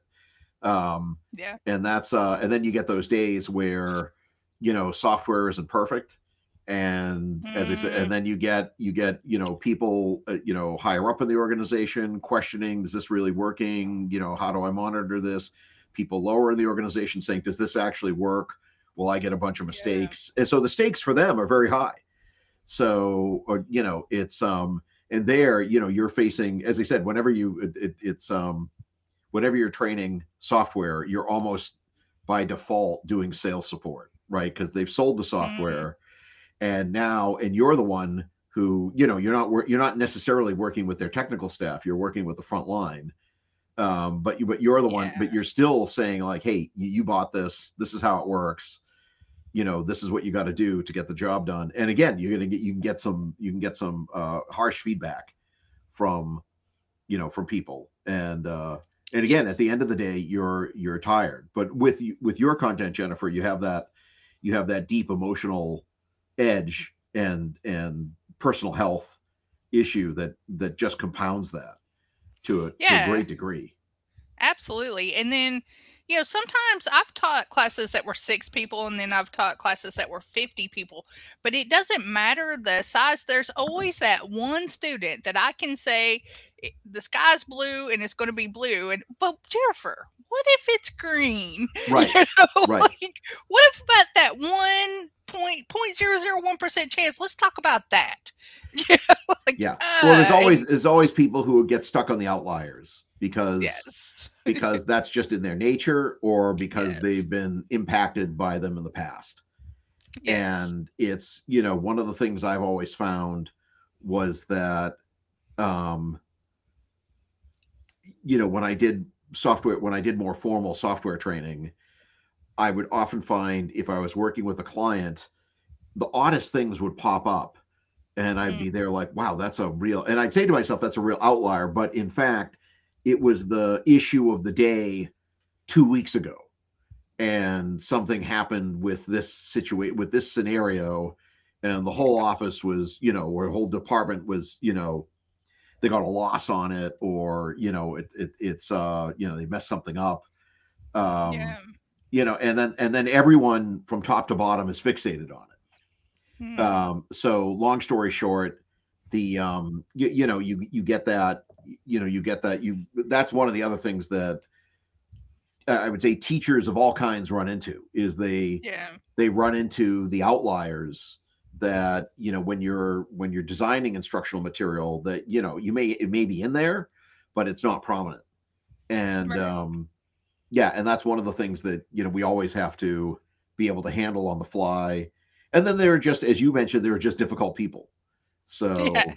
Speaker 1: yeah.
Speaker 2: um and that's and then you get those days where you know software isn't perfect. And as
Speaker 1: Mm,
Speaker 2: I said, and then you get you know people you know higher up in the organization questioning, is this really working? You know, how do I monitor this? People lower in the organization saying, does this actually work? Will I get a bunch of
Speaker 1: yeah.
Speaker 2: mistakes? And so the stakes for them are very high. Or, you know, it's and there, you know, you're facing, as I said, whenever it's whenever you're training software, you're almost by default doing sales support, right? Because they've sold the
Speaker 1: Mm,
Speaker 2: software, and you're the one who, you know, you're not necessarily working with their technical staff. You're working with the front line. But but you're the
Speaker 1: yeah.
Speaker 2: one, but you're still saying like, hey, you bought this. This is how it works. You know, this is what you got to do to get the job done. And again, you can get some you can get some harsh feedback from you know from people. And and again, at
Speaker 1: Yes.
Speaker 2: the end of the day, you're tired. But with your content, Jennifer, you have that, you have that deep emotional edge and personal health issue that that just compounds that to a
Speaker 1: Yeah.
Speaker 2: great degree.
Speaker 1: Absolutely. And then, sometimes I've taught classes that were six people and then I've taught classes that were 50 people, but it doesn't matter the size. There's always that one student that I can say, The sky's blue and it's going to be blue. But Jennifer, what if it's green? (laughs) You
Speaker 2: Right.
Speaker 1: know, (laughs)
Speaker 2: Right.
Speaker 1: like, what if about that one point point 0.001% chance? Let's talk about that. (laughs) Like,
Speaker 2: Yeah, well there's always
Speaker 1: and
Speaker 2: people who get stuck on the outliers
Speaker 1: yes,
Speaker 2: because that's just in their nature, or because
Speaker 1: yes,
Speaker 2: they've been impacted by them in the past.
Speaker 1: yes.
Speaker 2: And it's, you know, one of the things I've always found was that, um, you know, when I did software, when I did more formal software training, I would often find if I was working with a client, the oddest things would pop up. And I'd
Speaker 1: Mm.
Speaker 2: be there like, wow, that's a real, and I'd say to myself, that's a real outlier. But in fact, it was the issue of the day 2 weeks ago, and something happened with this situation, with this scenario, and the
Speaker 1: Yeah.
Speaker 2: whole office was you know or the whole department was you know they got a loss on it. Or you know, it it's you know, they messed something up. um
Speaker 1: Yeah.
Speaker 2: you know, and then everyone from top to bottom is fixated on it.
Speaker 1: Mhm.
Speaker 2: So long story short, the you, you know you you get that, you know, you get that, you that's one of the other things that I would say teachers of all kinds run into, is
Speaker 1: Yeah.
Speaker 2: they run into the outliers. That, you know, when you're designing instructional material, that you know you may, it may be in there, but it's not prominent. And
Speaker 1: Right.
Speaker 2: yeah, and that's one of the things that you know we always have to be able to handle on the fly. And then there are, just
Speaker 1: Yeah,
Speaker 2: as you mentioned, there are just difficult people,
Speaker 1: (laughs) Yeah,
Speaker 2: so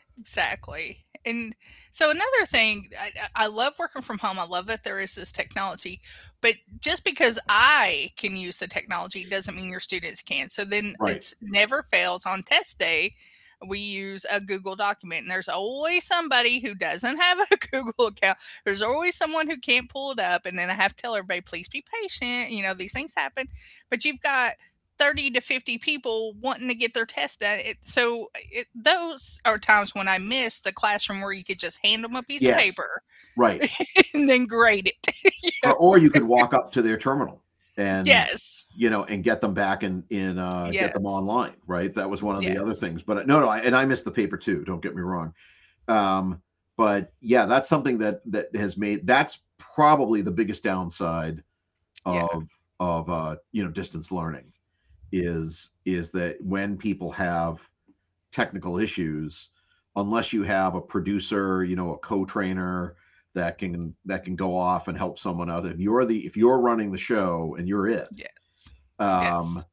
Speaker 1: exactly. And so another thing, I love working from home. I love that there is this technology, but just because I can use the technology doesn't mean your students can. So then
Speaker 2: right.
Speaker 1: it's never fails on test day. We use a Google document, and there's always somebody who doesn't have a (laughs) Google account. There's always someone who can't pull it up, and then I have to tell everybody, please be patient. These things happen, but you've got 30 to 50 people wanting to get their test done. Those are times when I miss the classroom where you could just hand them a piece of
Speaker 2: Yes.
Speaker 1: paper
Speaker 2: Right.
Speaker 1: (laughs) and then grade
Speaker 2: Or,
Speaker 1: it.
Speaker 2: you could walk up to their terminal
Speaker 1: (laughs)
Speaker 2: and
Speaker 1: Yes.
Speaker 2: you know and get them back and in get them
Speaker 1: Yes.
Speaker 2: online, right? That was one of the other
Speaker 1: Yes.
Speaker 2: things, but no, no, and I missed the paper too, don't get me wrong. um, but yeah, that's something that that has made that's probably the biggest downside
Speaker 1: Yeah.
Speaker 2: of of you know, distance learning, is that when people have technical issues, unless you have a producer, you know, a co-trainer that can go off and help someone out. If you're running the show and you're it,
Speaker 1: Yes. Yes.
Speaker 2: um,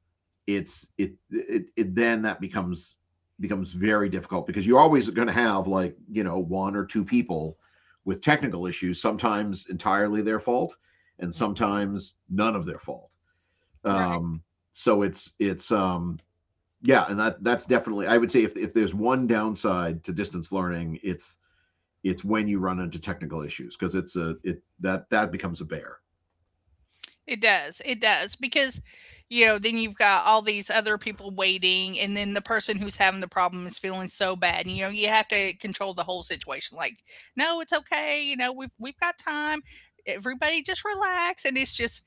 Speaker 2: it's it it then that becomes becomes very difficult, because you're always going to have like you know one or two people with technical issues, sometimes entirely their fault, and sometimes none of their fault.
Speaker 1: Right.
Speaker 2: Um, so it's yeah, and that that's definitely, I would say if there's one downside to distance learning, it's when you run into technical issues, because it's a it that that becomes a bear.
Speaker 1: It does. It does because then you've got all these other people waiting and then the person who's having the problem is feeling so bad. You have to control the whole situation like, "No, it's okay. We've got time. Everybody just relax." And it's just,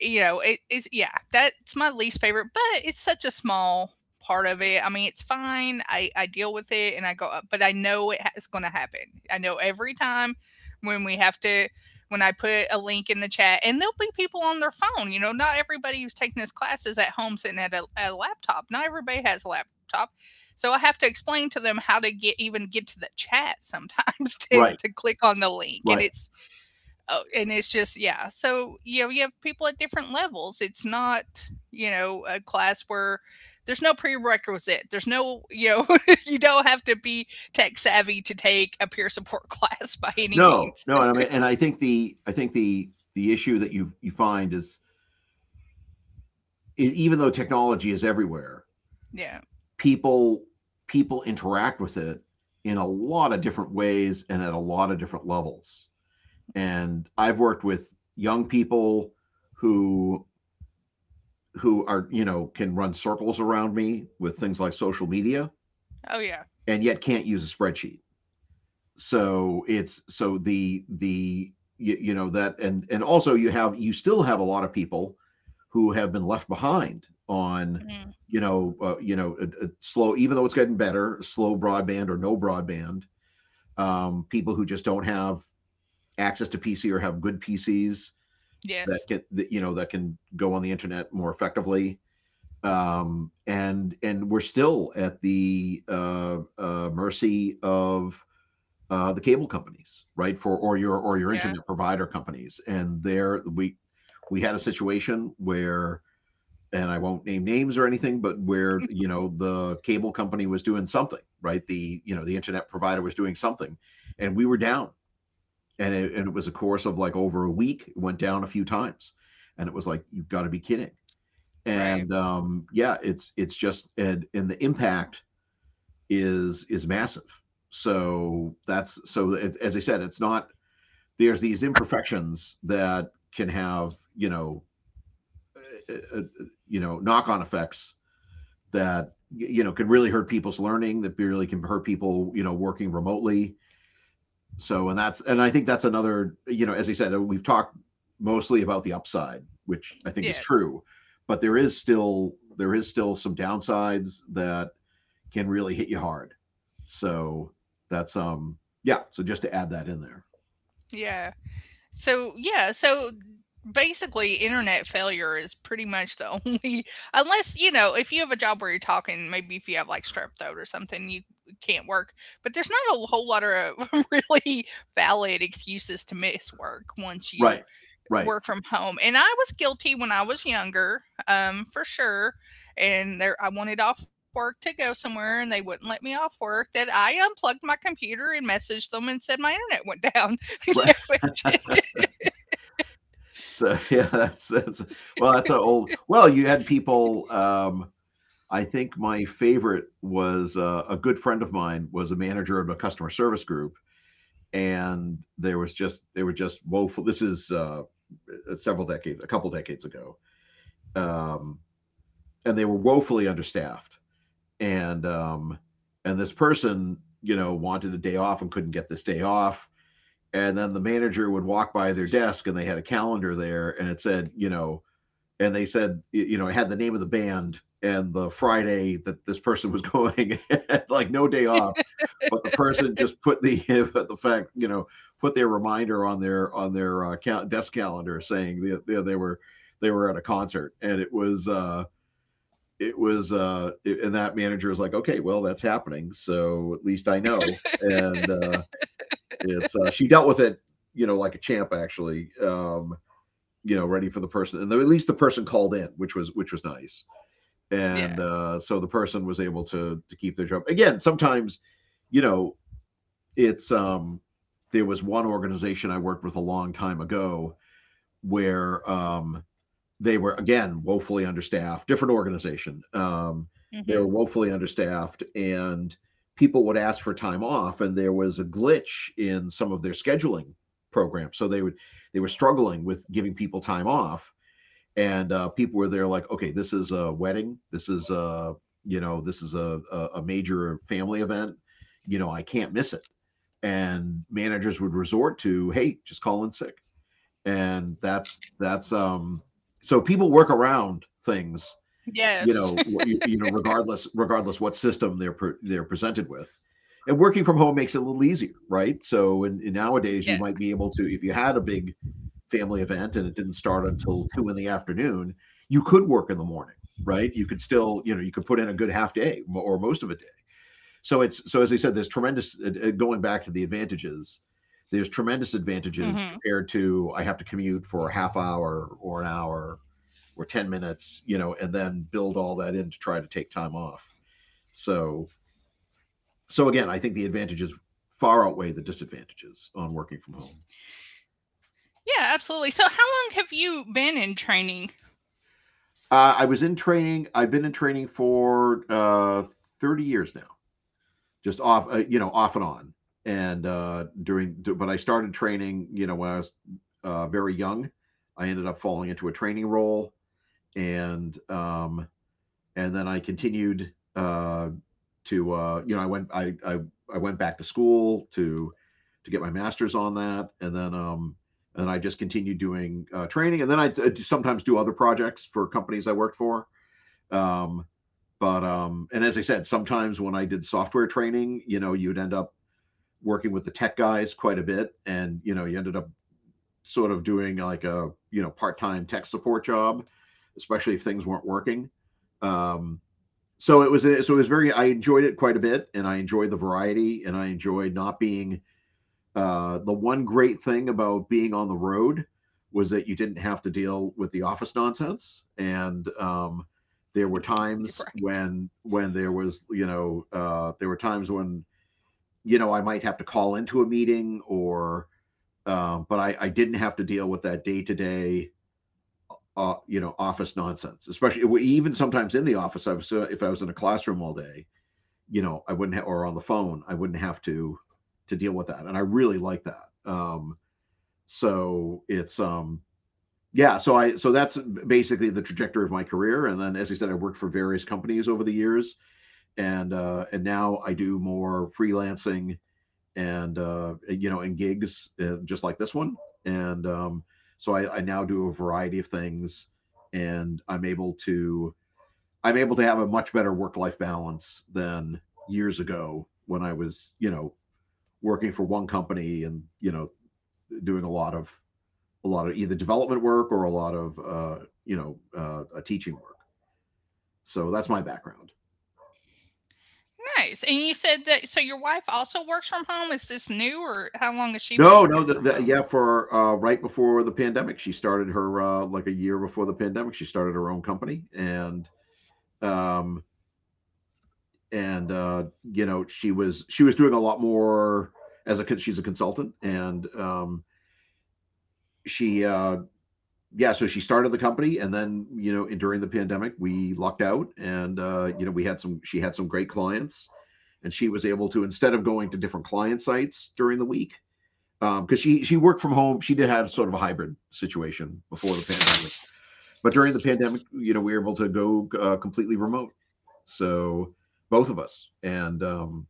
Speaker 1: it is, yeah, that's my least favorite, but it's such a small part of it. I mean, it's fine. I deal with it and I go up, but I know it's going to happen. I know every time when we have to when I put a link in the chat, and there'll be people on their phone. Not everybody who's taking this class is at home sitting at a laptop. Not everybody has a laptop, so I have to explain to them how to get to the chat sometimes (laughs) to
Speaker 2: Right,
Speaker 1: to click on the link, and
Speaker 2: right.
Speaker 1: it's oh, and it's just yeah. So you have people at different levels. It's not a class where there's no prerequisite. There's no (laughs) you don't have to be tech savvy to take a peer support (laughs) class by any
Speaker 2: No,
Speaker 1: means.
Speaker 2: no, and I mean, and I think the, I think the issue that you find is even though technology is everywhere,
Speaker 1: Yeah.
Speaker 2: people people interact with it in a lot of different ways and at a lot of different levels. And I've worked with young people who who are you know can run circles around me with things like social media,
Speaker 1: Oh yeah.
Speaker 2: and yet can't use a spreadsheet. So it's so the you know that and also you have, you still have a lot of people who have been left behind on
Speaker 1: Mm,
Speaker 2: you know a slow, even though it's getting better, slow broadband or no broadband. People who just don't have access to PC or have good PCs that
Speaker 1: yes.
Speaker 2: get that, you know, that can go on the internet more effectively. And we're still at the mercy of the cable companies, right? For or your
Speaker 1: Yeah,
Speaker 2: internet provider companies, and there we had a situation where, and I won't name names or anything, but where you know the cable company was doing something, right? The you know the internet provider was doing something, and we were down, and it was a course of like over a week. It went down a few times, and it was like you've got to be kidding
Speaker 1: right.
Speaker 2: and yeah, it's just and the impact is massive. So that's so it, as I said, it's not there's these imperfections that can have uh, uh, knock on effects that you know can really hurt people's learning, that really can hurt people you know working remotely. So, and that's, and I think that's another, you know, as I said, we've talked mostly about the upside, which I think is
Speaker 1: Yes.
Speaker 2: true, but there is still some downsides that can really hit you hard. So that's, yeah. So just to add that in there.
Speaker 1: Yeah. So, yeah, so basically internet failure is pretty much the only (laughs) unless, if you have a job where you're talking, maybe if you have like strep throat or something, you can't work. But there's not a whole lot of (laughs) really valid excuses to miss work once you
Speaker 2: Right. Right.
Speaker 1: work from home. And I was guilty when I was younger, for sure. And there I wanted off work to go somewhere, and they wouldn't let me off work that I unplugged my computer and messaged them and said my internet went down.
Speaker 2: Right.
Speaker 1: (laughs)
Speaker 2: (laughs) So yeah, well, that's an old, well, you had people, I think my favorite was a good friend of mine was a manager of a customer service group, and there was just they were just woeful. This is several decades, a couple decades ago, um, and they were woefully understaffed. And um, and this person, you know, wanted a day off and couldn't get this day off. And then the manager would walk by their desk, and they had a calendar there, and it said, you know, and they said you know it had the name of the band and the Friday that this person was going. (laughs) Like no day off, but the person just put the (laughs) the fact, you know, put their reminder on their desk calendar saying that they were they were at a concert. And it was and that manager was like, okay, well, that's happening, so at least I know. And it's she dealt with it, you know, like a champ, actually. You know, ready for the person, and at least the person called in, which was nice.
Speaker 1: Yeah.
Speaker 2: And so the person was able to keep their job. Again, sometimes, you know, it's there was one organization I worked with a long time ago where they were again woefully understaffed, different organization.
Speaker 1: Hmm.
Speaker 2: They were woefully understaffed, and people would ask for time off and there was a glitch in some of their scheduling programs, so they would they were struggling with giving people time off. And people were there like, okay, this is a wedding. This is a you know this is a major family event. You know, I can't miss it. And managers would resort to, hey, just call in sick, and that's that's. So people work around things, you
Speaker 1: Yes.
Speaker 2: know,
Speaker 1: (laughs)
Speaker 2: you know, regardless what system they're presented with, and working from home makes it a little easier, right? So, in and nowadays
Speaker 1: Yeah.
Speaker 2: you might be able to, if you had a big family event and it didn't start until two in the afternoon, you could work in the morning, right? You could still, you know, you could put in a good half day or most of a day. So it's so as I said, there's tremendous going back to the advantages. There's tremendous
Speaker 1: Hmm.
Speaker 2: advantages compared to I have to commute for a half hour or an hour or 10 minutes, you know, and then build all that in to try to take time off. So so again, I think the advantages far outweigh the disadvantages on working from home.
Speaker 1: Yeah, absolutely. So how long have you been in training?
Speaker 2: I was in training. I've been in training for 30 years now, just off, you know, off and on. And during, but I started training, you know, when I was very young. I ended up falling into a training role, and um, and then I continued to, you know, I went back to school to get my master's on that, and then I just continued doing training, and then I, sometimes do other projects for companies I worked for. Um, but and as I said, sometimes when I did software training, you know, you'd end up working with the tech guys quite a bit, and you know, you ended up sort of doing like a you know part-time tech support job, especially if things weren't working. Um, so it was very I enjoyed it quite a bit, and I enjoyed the variety, and I enjoyed not being the one great thing about being on the road was that you didn't have to deal with the office nonsense, and there were
Speaker 1: (laughs)
Speaker 2: times
Speaker 1: Right.
Speaker 2: when there was you know there were times when you know I might have to call into a meeting or but I didn't have to deal with that day to day you know office nonsense, especially even sometimes in the office I was, if I was in a classroom all day, you know I wouldn't ha- or on the phone I wouldn't have to deal with that, and I really like that. So it's yeah, so I so that's basically the trajectory of my career, and then as I said I worked for various companies over the years, and now I do more freelancing, and you know and gigs, just like this one. And so I now do a variety of things, and I'm able to I'm able to have a much better work life balance than years ago when I was you know working for one company and you know doing a lot of either development work or a lot of you know teaching work. So that's my background.
Speaker 1: Nice. And you said that, so your wife also works from home. Is this new, or how long has she been
Speaker 2: No, no,
Speaker 1: working from home?
Speaker 2: yeah, for right before the pandemic, she started her like a year before the pandemic, she started her own company, um, and you know she was doing a lot more as a she's a consultant, and she yeah, so she started the company, and then you know and during the pandemic, we lucked out, and you know we had some she had some great clients, and she was able to instead of going to different client sites during the week because she worked from home she did have sort of a hybrid situation before the pandemic, but during the pandemic you know we were able to go completely remote. So both of us,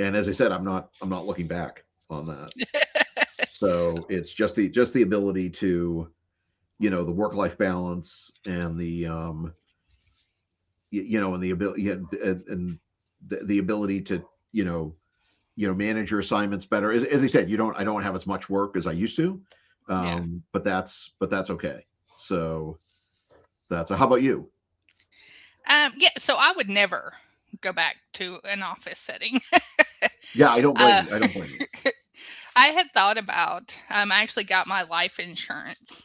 Speaker 2: and as I said I'm not I'm not looking back on that. So it's just the ability to you know the work life balance and the you know and the ability and the ability to you know you know manage your assignments better. As I said, you don't I don't have as much work as I used to,
Speaker 1: Yeah.
Speaker 2: but that's okay. So that's a, how about you?
Speaker 1: Yeah, so I would never go back to an office setting.
Speaker 2: Yeah, I don't blame
Speaker 1: Uh,
Speaker 2: you. I don't blame you.
Speaker 1: I had thought about, I actually got my life insurance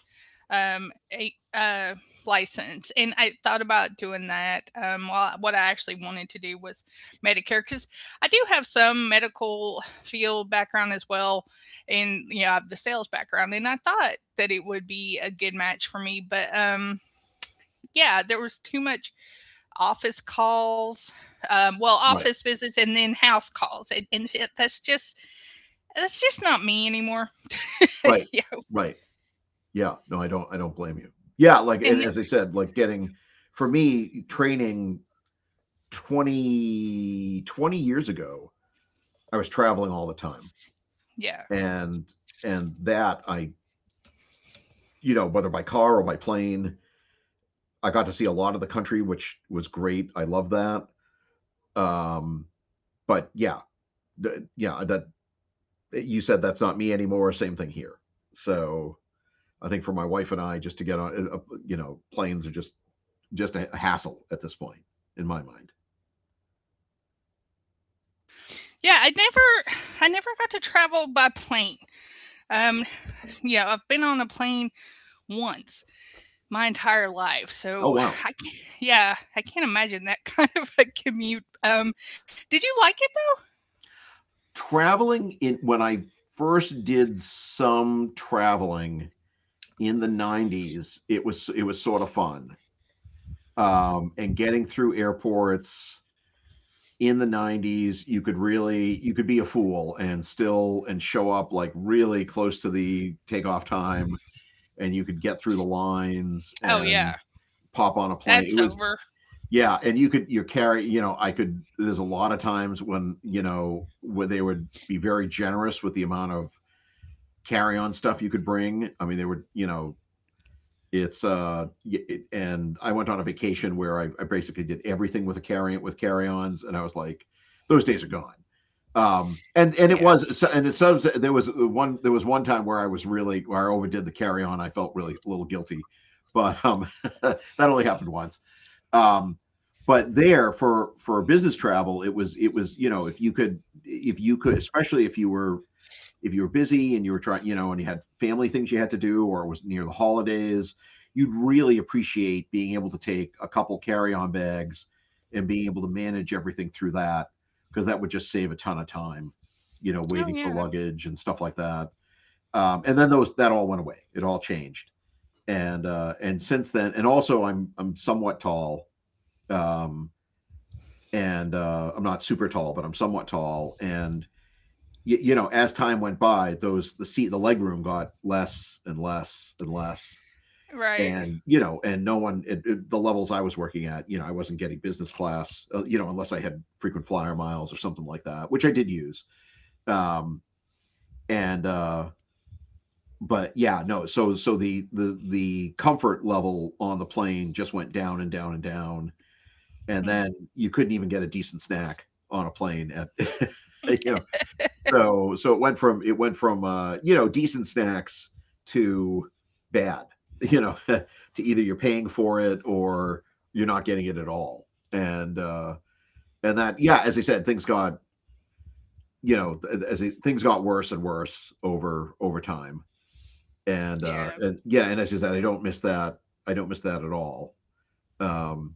Speaker 1: um, a, uh, license, and I thought about doing that. Well, what I actually wanted to do was Medicare because I do have some medical field background as well, and I have the sales background, and I thought that it would be a good match for me, but yeah, there was too much office calls, well,
Speaker 2: Right,
Speaker 1: office visits, and then house calls, and that's just not me anymore.
Speaker 2: right,
Speaker 1: Yeah.
Speaker 2: right. Yeah, no, I don't blame you. Yeah, like and
Speaker 1: And
Speaker 2: as I said, like getting for me training 20 20 years ago, I was traveling all the time,
Speaker 1: yeah.
Speaker 2: and and that I you know whether by car or by plane. I got to see a lot of the country, which was great. I love that. Um, but yeah, yeah, that you said that's not me anymore. Same thing here. So I think for my wife and I, just to get on, you know, planes are just a hassle at this point in my mind.
Speaker 1: Yeah, I never got to travel by plane. Um yeah, I've been on a plane once my entire life.
Speaker 2: Oh
Speaker 1: So
Speaker 2: wow,
Speaker 1: I can't imagine that (laughs) kind of a commute. Did you like it
Speaker 2: traveling in when I first did some traveling in the '90s, it was sort of fun. And getting through airports, in the 90s you could really, you could be a fool and still and show up like really close to the takeoff time, and you could get through the lines
Speaker 1: though? Oh yeah.
Speaker 2: and pop on a plane.
Speaker 1: That's
Speaker 2: It was
Speaker 1: over.
Speaker 2: yeah. And you could you carry, you know, I could, there's a lot of times when, you know, where they would be very generous with the amount of carry on stuff you could bring. I mean, they were, you know, it's uh and I went on a vacation where I basically did everything with a carry-ons, and I was like, those days are gone. And
Speaker 1: Yeah.
Speaker 2: it was so- and it so there was one, there was one time where I was really, where I overdid the carry on. I felt really a little guilty, but (laughs) that only happened once. um but there, for business travel, it was you know, if you could especially if you were busy and you were trying, you know, and you had family things you had to do, or it was near the holidays, you'd really appreciate being able to take a couple carry-on bags and being able to manage everything through that, because that would just save a ton of time, you know,
Speaker 1: Oh
Speaker 2: waiting for
Speaker 1: yeah.
Speaker 2: luggage and stuff like that. And then those that all went away. It all changed. And since then, and also I'm somewhat tall, um, and I'm not super tall, but I'm somewhat tall. And you know, as time went by, those the seat the legroom got less and less and less.
Speaker 1: Right.
Speaker 2: And you know, and no one it, it- the levels I was working at, you know, I wasn't getting business class, you know, unless I had frequent flyer miles or something like that, which I did use. Um, and but yeah, no, so so the comfort level on the plane just went down and down and down, and
Speaker 1: Hmm.
Speaker 2: then you couldn't even get a decent snack on a plane at (laughs) you know. So it went from you know, decent snacks to bad. You know, (laughs) to, either you're paying for it or you're not getting it at all. And uh, and that, yeah, as I said, things got, you know, things got worse and worse over over time. And uh,
Speaker 1: Yeah.
Speaker 2: and yeah, and as I said, I don't miss that. I don't miss that at all. Um,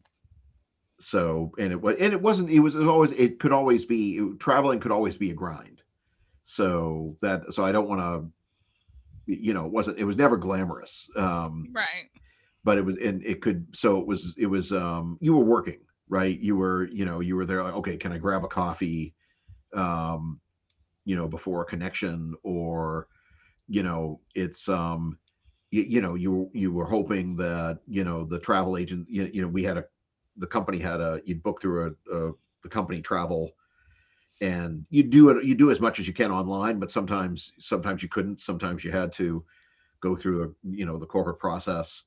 Speaker 2: so and it was and it wasn't. It was always. It could always be traveling could always be a grind. So that so I don't want to, you know, it wasn't, it was never glamorous.
Speaker 1: Right.
Speaker 2: But it was, and it could, so it was you were working, right? You were, you know, you were there like, okay, can I grab a coffee, um, you know, before a connection? Or, you know, it's you, you know, you were hoping that, you know, the travel agent you, you know, we had a the company had a, you'd book through a the company travel, and you do it, you do as much as you can online, but sometimes you couldn't, sometimes you had to go through, the you know, the corporate process.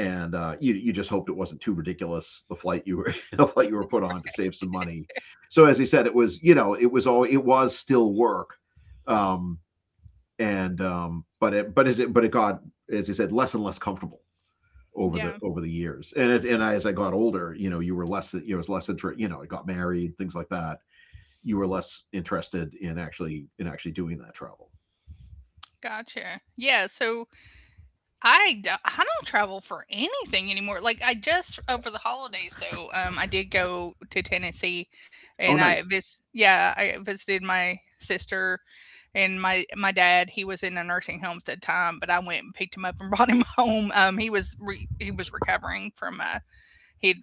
Speaker 2: And you you just hoped it wasn't too ridiculous, the flight you were (laughs) the flight you were put on to save some money. So as I said, it was, you know, it was all, it was still work. Um, and um, but it but as it but it got, as I said, less and less comfortable over
Speaker 1: Yeah.
Speaker 2: the years. And as I got older, you know, you were less you was less inter- you know, I got married, things like that. You were less interested in actually doing that travel.
Speaker 1: Gotcha. Yeah, so I don't travel for anything anymore. Like, I just over the holidays though, I did go to Tennessee
Speaker 2: Oh
Speaker 1: and I
Speaker 2: nice.
Speaker 1: vis yeah, I visited my sister and my dad. He was in a nursing home at the time, but I went and picked him up and (laughs) brought him home. He was recovering from he had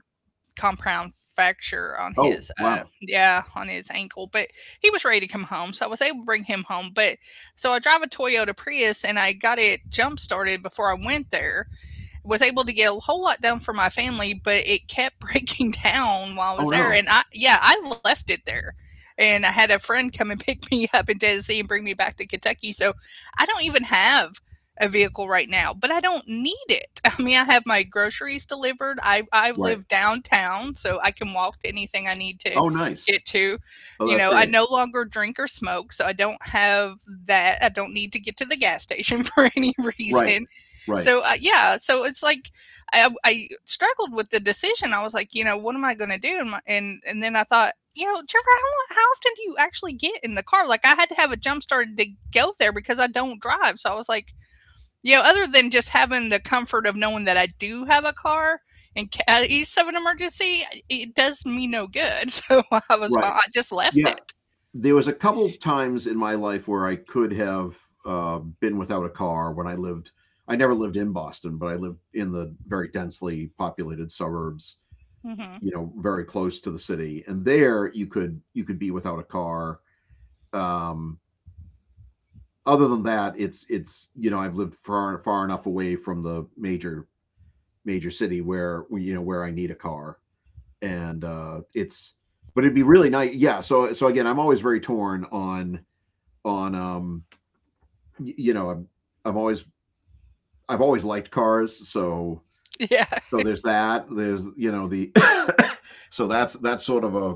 Speaker 1: compound fracture on
Speaker 2: Oh
Speaker 1: his uh
Speaker 2: wow.
Speaker 1: yeah, on his ankle, but he was ready to come home, so I was able to bring him home. But so I drive a Toyota Prius and I got it jump started before I went there was able to get a whole lot done for my family, but it kept (laughs) breaking down while I
Speaker 2: Oh
Speaker 1: was there.
Speaker 2: no.
Speaker 1: And I, yeah, I left it there. And I had a friend come and (laughs) pick me up in Tennessee and bring me back to Kentucky. So I don't even have a vehicle right now, but I don't need it. (laughs) I mean, I have my groceries delivered. I
Speaker 2: Right.
Speaker 1: live downtown, so I can walk to anything I need to
Speaker 2: Oh nice.
Speaker 1: get to.
Speaker 2: Oh, that's
Speaker 1: I
Speaker 2: great.
Speaker 1: no longer drink or smoke, so I don't have that. I don't need to get to the gas station (laughs) for any
Speaker 2: Right.
Speaker 1: reason.
Speaker 2: Right.
Speaker 1: So yeah, so it's like I struggled with the decision. I was like, what am I going to do? And, my, and then I thought, Trevor, how often do you actually get in the car? Like I had to have a jump started to go there because I don't drive. So I was like, other than just having the comfort of knowing that I do have a car in case of an emergency, it does me no good. (laughs) So I was fine.
Speaker 2: Right.
Speaker 1: I just left
Speaker 2: Yeah.
Speaker 1: it.
Speaker 2: There was a couple of times in my life where I could have been without a car, when I lived, I never lived in Boston, but I lived in the very densely populated suburbs,
Speaker 1: Hmm.
Speaker 2: you know, very close to the city. And there you could be without a car. Um, Other than that, it's you know, I've lived far enough away from the major city where, you know, where I need a car. And it's but it'd be really nice. Yeah. So so again, I'm always very torn on on um you know, I'm always, I've always liked cars. So
Speaker 1: Yeah.
Speaker 2: there's that. There's, you know, the (coughs) (laughs) so that's sort of a,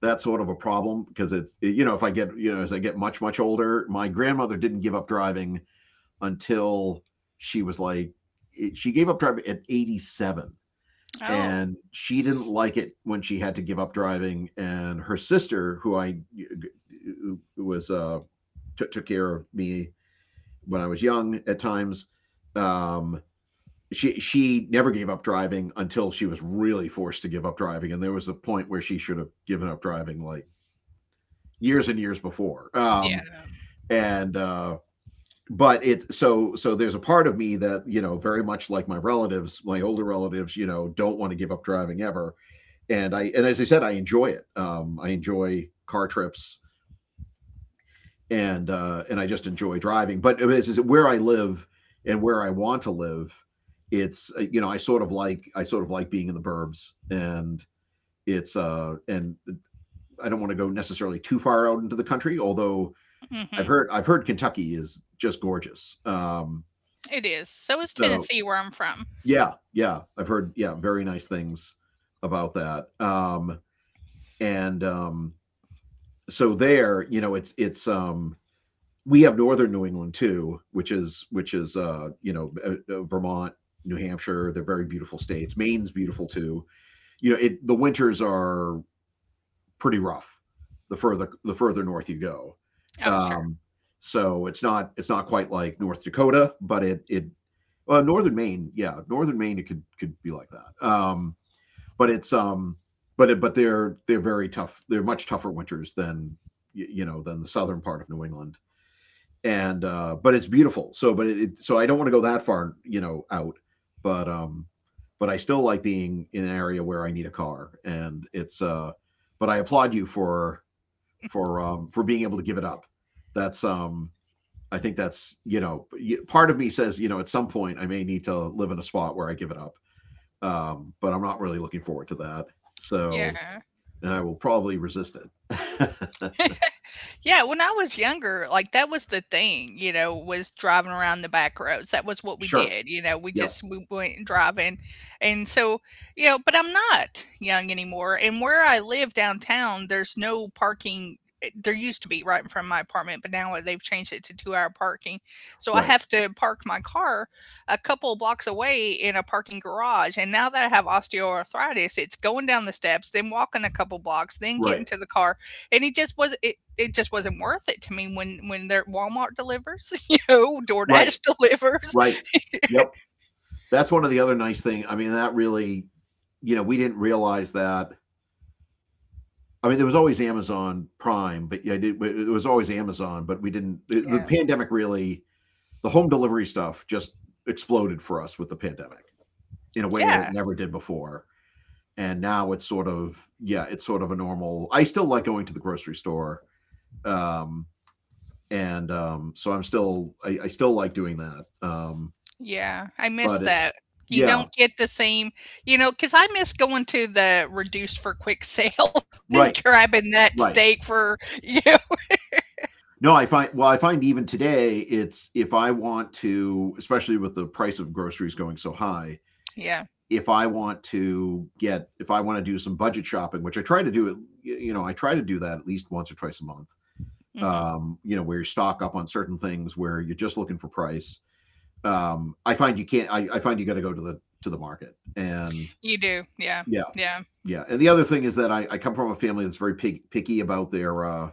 Speaker 2: that's sort of a problem, because it's, you know, if I get, you know, as I get much much older, my grandmother didn't give up driving until she was like, eh, she gave up driving at 87,
Speaker 1: Oh,
Speaker 2: and she didn't like it when she had to give up driving. And her sister, who I who was took, took care of me when I was young at times, um she never gave up driving until she was really forced to give up driving, and there was a point where she should have given up driving like years and years before.
Speaker 1: yeah.
Speaker 2: And but it's, so there's a part of me that, you know, very much like my relatives, my older relatives, you know, don't want to give up driving ever. And I and as I said, I enjoy it. I enjoy car trips, and I just enjoy driving. But is where I live and where I want to live. It's You know, I sort of like being in the burbs, and it's and I don't want to go necessarily too far out into the country. Although I've
Speaker 1: Hmm.
Speaker 2: heard, I've heard Kentucky is just gorgeous.
Speaker 1: It is. So is
Speaker 2: So
Speaker 1: Tennessee, where I'm from.
Speaker 2: yeah, yeah, I've heard, yeah, very nice things about that. And So there, you know, it's we have northern New England too, which is which is you know, Vermont, New Hampshire, they're very beautiful states. Maine's beautiful too. You know, it the winters are pretty rough, the further north you go.
Speaker 1: Oh, sure.
Speaker 2: Um, so it's not, it's not quite like North Dakota, but it well, northern Maine, yeah, northern Maine it could be like that. But it's but it, but they're very tough. They're much tougher winters than, you know, than the southern part of New England. And But it's beautiful. So but it so I don't want to go that far, you know, out. but um but I still like being in an area where I need a car. And it's But I applaud you for for being able to give it up. That's I think that's, you know, part of me says, you know, at some point I may need to live in a spot where I give it up. But I'm not really looking forward to that. So
Speaker 1: Yeah.
Speaker 2: then I will probably resist it.
Speaker 1: Yeah, when I was younger, like, that was the thing, was driving around the back roads. That was what
Speaker 2: (laughs)
Speaker 1: we
Speaker 2: sure.
Speaker 1: did, we
Speaker 2: Yep.
Speaker 1: just we went and driving. And so, but I'm not young anymore. And where I live downtown, there's no parking there used to be right in front of my apartment, but now they've changed it to 2-hour parking. So I
Speaker 2: Right.
Speaker 1: have to park my car a couple blocks away in a parking garage, and now that I have osteoarthritis, it's going down the steps, then walking a couple blocks, then getting
Speaker 2: Right.
Speaker 1: to the car, and it just was it it just wasn't worth it to me when their Walmart delivers, (laughs)
Speaker 2: Right.
Speaker 1: DoorDash (laughs) delivers.
Speaker 2: Right. Yep. That's one of the other nice thing. I mean, that really, you know, we didn't realize that. I mean, there was always Amazon Prime, but yeah, was always Amazon, but we didn't. The
Speaker 1: Yeah.
Speaker 2: pandemic really, the home delivery stuff just exploded for us with the pandemic, in a way that it
Speaker 1: Yeah.
Speaker 2: never did before. And now it's sort of, yeah, it's sort of a normal. I still like going to the grocery store. Um, and So I'm still, I still like doing that.
Speaker 1: Yeah, I miss
Speaker 2: But it
Speaker 1: that. You
Speaker 2: yeah
Speaker 1: don't get the same, you know, because I miss going to the reduced for quick sale (laughs) and
Speaker 2: right
Speaker 1: grabbing that
Speaker 2: right
Speaker 1: steak for, you know.
Speaker 2: no I find, well I find even today it's, if I want to, especially with the price of groceries going so high,
Speaker 1: Yeah,
Speaker 2: if I want to get, if I want to do some budget shopping, which I try to do, it you know, I try to do that at least once or twice a month.
Speaker 1: mhm.
Speaker 2: You know, where you stock up on certain things where you're just looking for price. I find you can't, I find you got to go to the market. And
Speaker 1: You do,
Speaker 2: yeah
Speaker 1: yeah, yeah,
Speaker 2: yeah. And the other thing is that, I come from a family that's very picky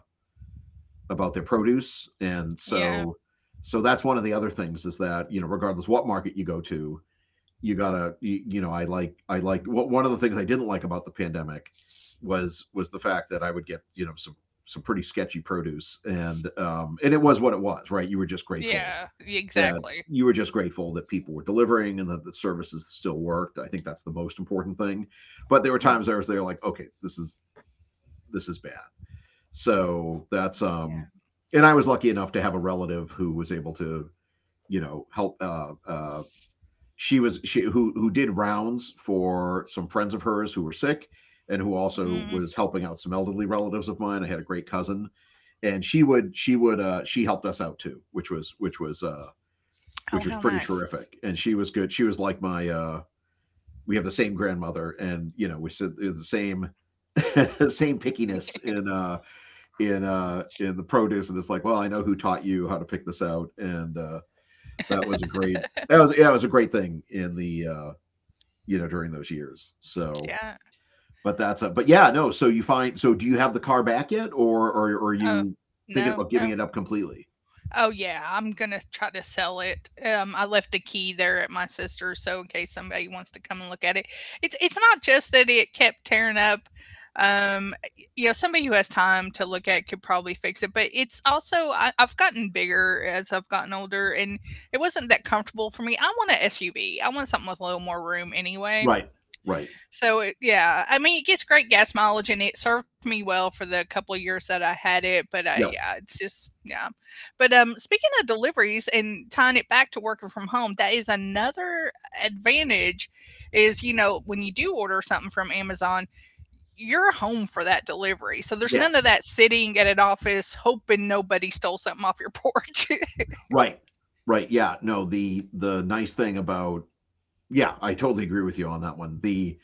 Speaker 2: about their produce. And so
Speaker 1: yeah,
Speaker 2: so that's one of the other things is that, you know, regardless what market you go to, you gotta you know, I like, what one of the things I didn't like about the pandemic was the fact that I would get, you know, some pretty sketchy produce. And it was what it was, right? You were just grateful
Speaker 1: yeah,
Speaker 2: that
Speaker 1: exactly.
Speaker 2: that people were delivering and that the services still worked. I think that's the most important thing. But there were times I was there like, okay, this is, this is bad. So that's
Speaker 1: Yeah.
Speaker 2: and I was lucky enough to have a relative who was able to, you know, help. She was, she who did rounds for some friends of hers who were sick, and who also was
Speaker 1: Mhm.
Speaker 2: helping out some elderly relatives of mine. I had a great cousin, and she helped us out too, which was,
Speaker 1: Oh, how
Speaker 2: which was pretty
Speaker 1: nice.
Speaker 2: terrific. And she was good. She was like my we have the same grandmother, and we said the same (laughs) same pickiness in the produce. And it's like, well, I know who taught you how to pick this out. And that was a great, that was yeah, it was a great thing in the during those years. So
Speaker 1: Yeah.
Speaker 2: but that's a but yeah, no, so do you have the car back yet, or are
Speaker 1: Oh,
Speaker 2: you thinking
Speaker 1: no,
Speaker 2: about giving
Speaker 1: no.
Speaker 2: it up completely?
Speaker 1: Oh yeah, I'm gonna try to sell it. I left the key there at my sister's, so in case somebody wants to come and look at it, it's not just that it kept tearing up. Um, you know, somebody who has time to look at could probably fix it, but it's also I've gotten bigger as I've gotten older, and it wasn't that comfortable for me. I want an SUV. I want something with a little more room anyway.
Speaker 2: Right, right.
Speaker 1: So it, yeah, I mean it gets great gas mileage and it served me well for the couple of years that I had it, but yeah,
Speaker 2: Yep.
Speaker 1: it's just yeah. But speaking of deliveries and tying it back to working from home, that is another advantage is you know when you do order something from Amazon, you're home for that delivery. So there's none of
Speaker 2: Yes.
Speaker 1: that sitting at an office hoping nobody stole something off your porch.
Speaker 2: Right, right. Yeah, no, the nice thing about, yeah, I totally agree with you on that one. The,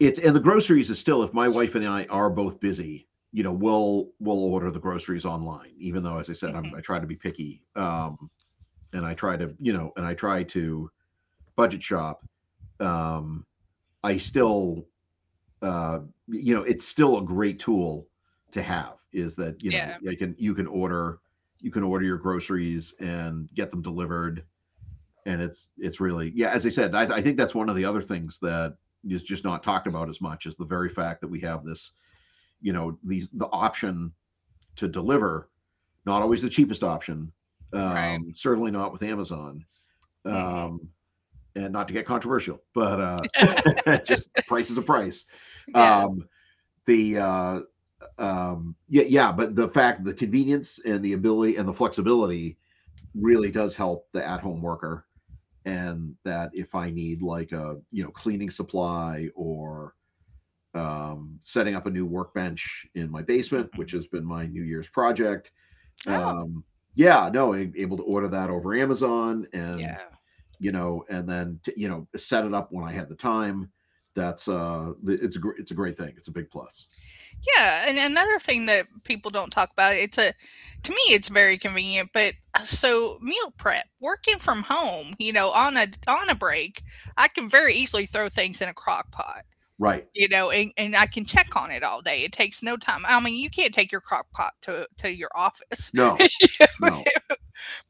Speaker 2: it's, and the groceries is still, if my wife and I are both busy, you know, we'll order the groceries online. Even though, as I said,
Speaker 1: (laughs)
Speaker 2: I'm, I
Speaker 1: hmm
Speaker 2: try to be picky. And I try to, you know, and I try to budget shop. Um, I still, uh, you know, it's still a great tool to have. Is that, you know,
Speaker 1: Yeah,
Speaker 2: you can order your groceries and get them delivered. And it's really, yeah, as I said, I think that's one of the other things that is just not talked about as much is the very fact that we have this, you know, the option to deliver. Not always the cheapest option,
Speaker 1: right.
Speaker 2: certainly not with amazon.
Speaker 1: Mm-mm.
Speaker 2: Um, and not to get controversial, but (laughs) just the price is a price.
Speaker 1: Yeah.
Speaker 2: Um, the Yeah, yeah, but the fact, the convenience and the ability and the flexibility really does help the at-home worker. And that if I need like a, cleaning supply or, setting up a new workbench in my basement, which
Speaker 1: hmm
Speaker 2: has been my new year's project.
Speaker 1: Oh,
Speaker 2: um, yeah, no, able to order that over Amazon. And,
Speaker 1: yeah.
Speaker 2: you know, set it up when I had the time. That's It's a it's a great thing. It's a big plus.
Speaker 1: Yeah, and another thing that people don't talk about, it's a, to me it's very convenient, but so meal prep, working from home, you know, on a break, I can very easily throw things in a crock pot,
Speaker 2: Right?
Speaker 1: you know, and I can check on it all day. It takes no time. I mean, you can't take your crock pot to your office.
Speaker 2: No,
Speaker 1: (laughs)
Speaker 2: no,
Speaker 1: You know,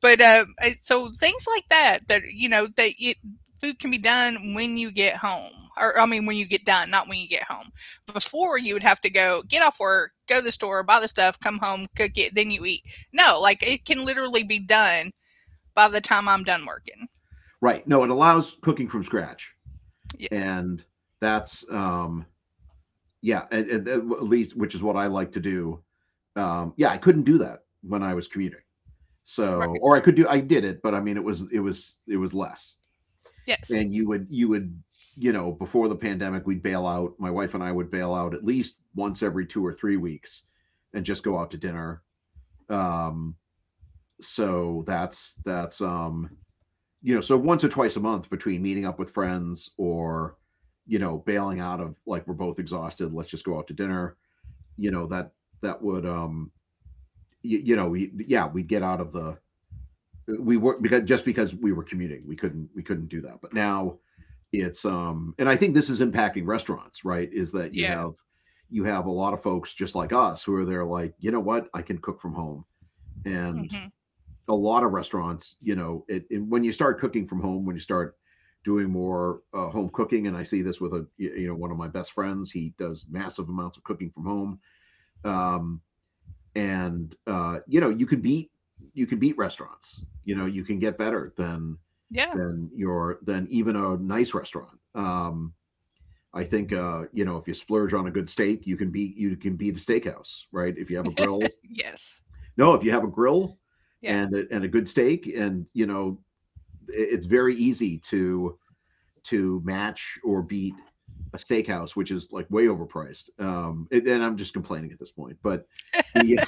Speaker 1: but it- so things like that that you know that it, food can be done when you get home, or I mean when you get done, not when you get home. Before you would have to go get off work, go to the store, buy the stuff, come home, cook it, then you eat. No, like it can literally be done by the time I'm done working.
Speaker 2: right? No, it allows cooking from scratch.
Speaker 1: Yeah.
Speaker 2: And that's, yeah, at least, which is what I like to do. Yeah, I couldn't do that when I was commuting. So,
Speaker 1: Right.
Speaker 2: or I could do, I did it, but I mean, it was less.
Speaker 1: Yes.
Speaker 2: And you would, before the pandemic, we'd bail out my wife and I would bail out at least once every 2 or 3 weeks and just go out to dinner. Um, so that's, so once or twice a month between meeting up with friends, or, you know, bailing out, of like, we're both exhausted, let's just go out to dinner. You know, that, that would, we, yeah, we'd get out of the we were, because just because we were commuting, we couldn't do that. But now it's, and I think this is impacting restaurants, right? Is that you
Speaker 1: Yeah.
Speaker 2: have, you have a lot of folks just like us who are there like, you know what, I can cook from home. And
Speaker 1: hmm
Speaker 2: a lot of restaurants, you know, it- when you start cooking from home, when you start doing more home cooking, and I see this with a you know, one of my best friends, he does massive amounts of cooking from home. Um, and You know, you can beat restaurants. You know, you can get better than
Speaker 1: Yeah.
Speaker 2: than your, than even a nice restaurant. I think, you know, if you splurge on a good steak, you can beat a steakhouse, right? If you have a grill.
Speaker 1: Yes.
Speaker 2: No, if you have a grill,
Speaker 1: Yeah.
Speaker 2: and a good steak, and you know, it- it's very easy to match or beat a steakhouse, which is like way overpriced. And I'm just complaining at this point, but the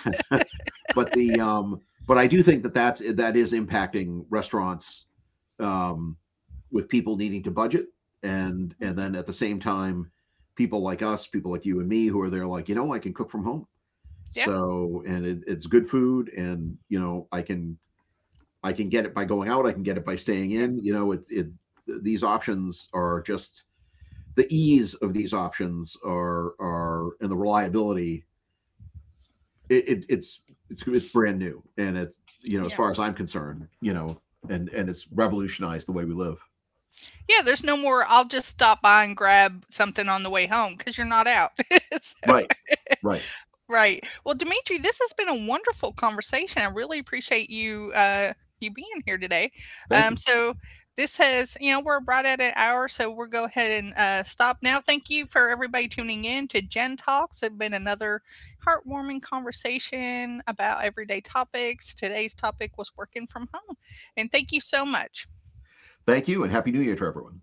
Speaker 2: but the but I do think that that is impacting restaurants, um, with people needing to budget. And
Speaker 1: hmm
Speaker 2: then at the same time, people like us, people like you and me, who are there like, you know, I can cook from home.
Speaker 1: Yeah.
Speaker 2: So, and it's good food. And you know, I can, I can get it by going out, I can get it by staying
Speaker 1: Yeah.
Speaker 2: in. You know, it, these options are just, the ease of these options are, and the reliability, it's, it's brand new. And it's, you know, as
Speaker 1: Yeah.
Speaker 2: far as I'm concerned, you know, and it's revolutionized the way we live.
Speaker 1: Yeah. There's no more. I'll just stop by and grab something on the way home because you're not out. (laughs)
Speaker 2: Right, right.
Speaker 1: Right. Well, Dimitri, this has been a wonderful conversation. I really appreciate you you being here today.
Speaker 2: Thank
Speaker 1: Um,
Speaker 2: you,
Speaker 1: so this has, you know, we're right at an hour, so we'll go ahead and stop now. Thank you for everybody tuning in to Gen Talks. It's been another heartwarming conversation about everyday topics. Today's topic was working from home, and thank you so much.
Speaker 2: thank you, and happy New Year to everyone.